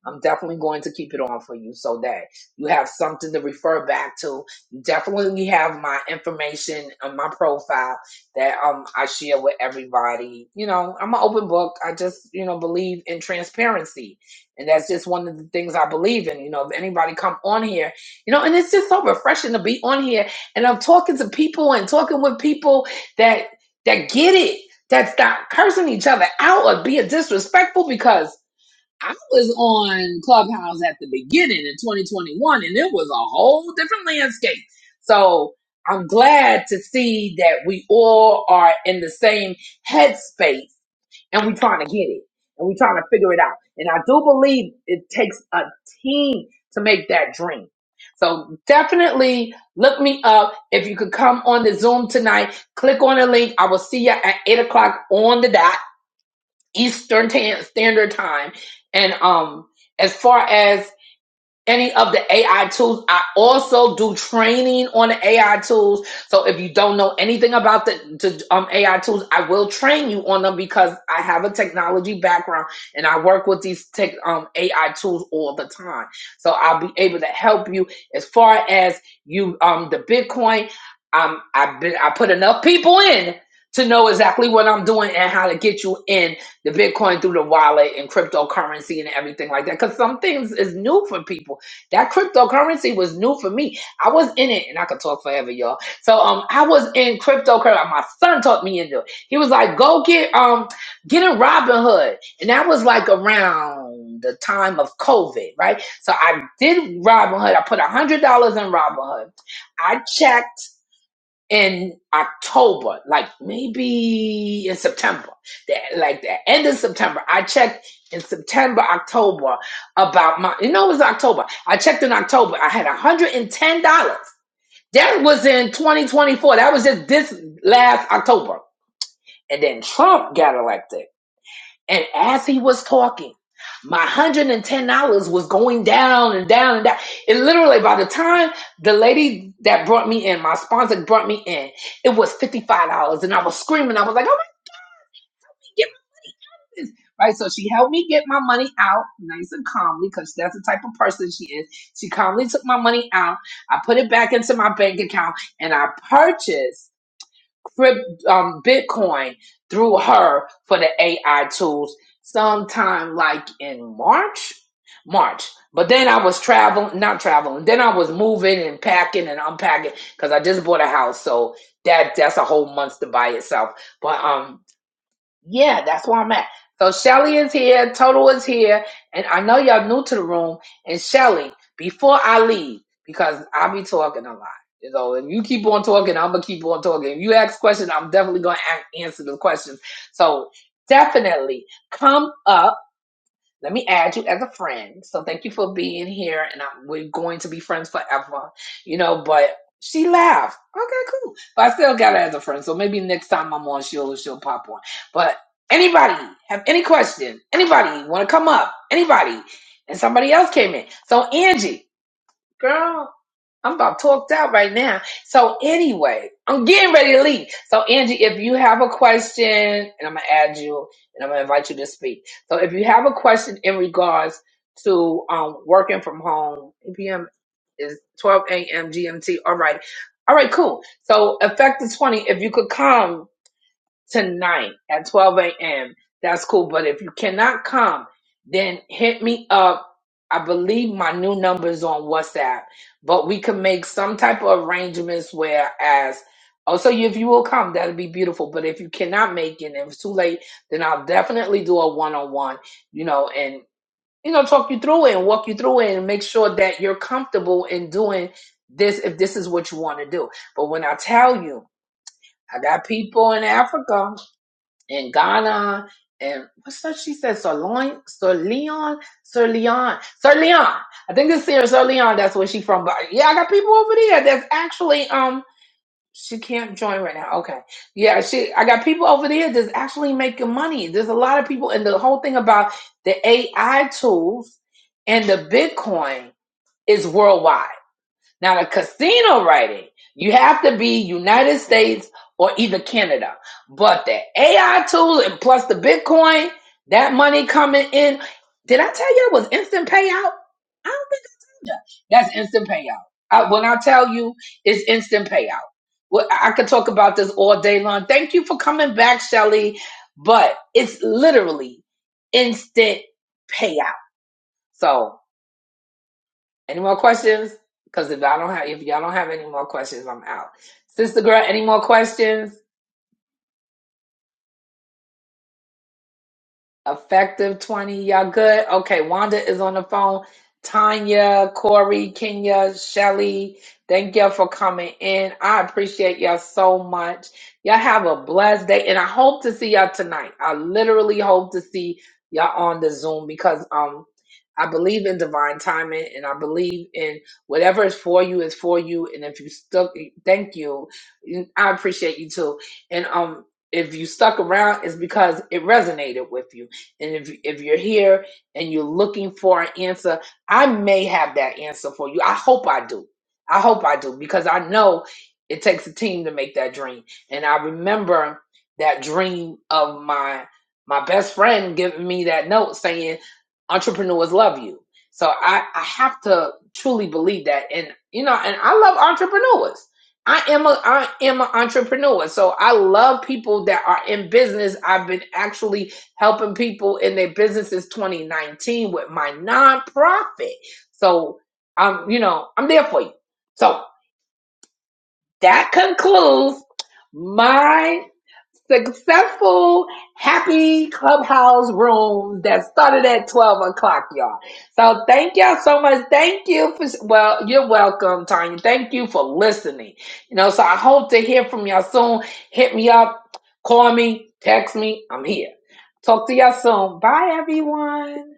Speaker 1: I'm definitely going to keep it on for you so that you have something to refer back to. You definitely have my information on my profile that um I share with everybody. You know, I'm an open book. I just, you know, believe in transparency. And that's just one of the things I believe in. You know, if anybody come on here, you know, and it's just so refreshing to be on here and I'm talking to people and talking with people that that get it, that stop cursing each other out or being disrespectful because I was on Clubhouse at the beginning in 2021, and it was a whole different landscape. So I'm glad to see that we all are in the same headspace and we're trying to get it and we're trying to figure it out. And I do believe it takes a team to make that dream. So definitely look me up. If you could come on the Zoom tonight, click on the link. I will see you at 8 o'clock on the dot Eastern Tan- Standard Time. And um, as far as any of the AI tools. I also do training on the AI tools. So if you don't know anything about the, the um, AI tools, I will train you on them because I have a technology background and I work with these tech, um, AI tools all the time. So I'll be able to help you as far as you um, the Bitcoin. Um, I've been I put enough people in to know exactly what I'm doing and how to get you in the Bitcoin through the wallet and cryptocurrency and everything like that. Because some things is new for people that cryptocurrency was new for me. I was in it, and I could talk forever, y'all. So um, I was in cryptocurrency. My son taught me into it. He was like, "Go get um, get in Robinhood," and that was like around the time of COVID, right? So I did Robinhood. I put a hundred dollars in Robinhood. I checked in October, like maybe in September, the- like the end of September. I checked in September, October about my, you know, it was October. I checked in October. I had $110. That was in 2024. That was just this last October. And then Trump got elected. And as he was talking, my one hundred and ten dollars was going down and down and down. It literally by the time the lady that brought me in, my sponsor brought me in, it was fifty five dollars, and I was screaming. I was like, "Oh my get me this!" Right. So she helped me get my money out nice and calmly because that's the type of person she is. She calmly took my money out. I put it back into my bank account, and I purchased crypt, um, Bitcoin through her for the AI tools sometime like in March. March. But then I was traveling, not traveling. Then I was moving and packing and unpacking because I just bought a house. So that that's a whole month to by itself. But um yeah, that's where I'm at. So Shelly is here, Total is here, and I know y'all new to the room. And Shelly, before I leave, because I be talking a lot, you know, if you keep on talking, I'm gonna keep on talking. If you ask questions, I'm definitely gonna a- answer the questions. So definitely come up. Let me add you as a friend. So thank you for being here, and I, we're going to be friends forever, you know. But she laughed. Okay, cool. But I still got her as a friend. So maybe next time I'm on, she'll she'll pop on. But anybody have any question? Anybody want to come up? Anybody? And somebody else came in. So Angie girl, I'm about talked out right now. So anyway, I'm getting ready to leave. So Angie, if you have a question, and I'm gonna add you, and I'm gonna invite you to speak. So if you have a question in regards to um, working from home, 8 p.m. is 12 a.m. GMT. All right, all right, cool. So effective 20, if you could come tonight at 12 a.m. That's cool. But if you cannot come, then hit me up. I believe my new number is on WhatsApp, but we can make some type of arrangements where as also if you will come, that'll be beautiful. But if you cannot make it, and if it's too late, then I'll definitely do a one-on-one, you know, and you know, talk you through it and walk you through it and make sure that you're comfortable in doing this if this is what you want to do. But when I tell you, I got people in Africa in Ghana and what's that she said? Sir Leon, Sir Leon, Sir Leon, Sir Leon. I think it's Sir Sir Leon. That's where she from. But yeah, I got people over there that's actually um. She can't join right now. Okay, yeah, she. I got people over there that's actually making money. There's a lot of people, and the whole thing about the AI tools and the Bitcoin is worldwide. Now, the casino writing, you have to be United States or either Canada. But the AI tool and plus the Bitcoin, that money coming in. Did I tell you it was instant payout? I don't think I told you. That's instant payout. I, when I tell you, it's instant payout. Well, I I could talk about this all day long. Thank you for coming back, Shelly. But it's literally instant payout. So any more questions? Because if I don't have if y'all don't have any more questions, I'm out. Sister girl, any more questions? Effective 20. Y'all good? Okay, Wanda is on the phone. Tanya, Corey, Kenya, Shelly, thank y'all for coming in. I appreciate y'all so much. Y'all have a blessed day, and I hope to see y'all tonight. I literally hope to see y'all on the Zoom because um I believe in divine timing, and I believe in whatever is for you is for you. And if you stuck, thank you. I appreciate you too. And um, if you stuck around, it's because it resonated with you and if, if you're here and you're looking for an answer, I may have that answer for you. I hope I do. I hope I do because I know it takes a team to make that dream. And I remember that dream of my my best friend giving me that note saying entrepreneurs love you. So I, I have to truly believe that. And you know, and I love entrepreneurs. I am a I am an entrepreneur. So I love people that are in business. I've been actually helping people in their businesses 2019 with my nonprofit. So I'm, you know, I'm there for you. So that concludes my successful, happy clubhouse room that started at 12 o'clock, y'all. So thank y'all so much. Thank you for, well, you're welcome, Tanya. Thank you for listening. You know, so I hope to hear from y'all soon. Hit me up, call me, text me. I'm here. Talk to y'all soon. Bye, everyone.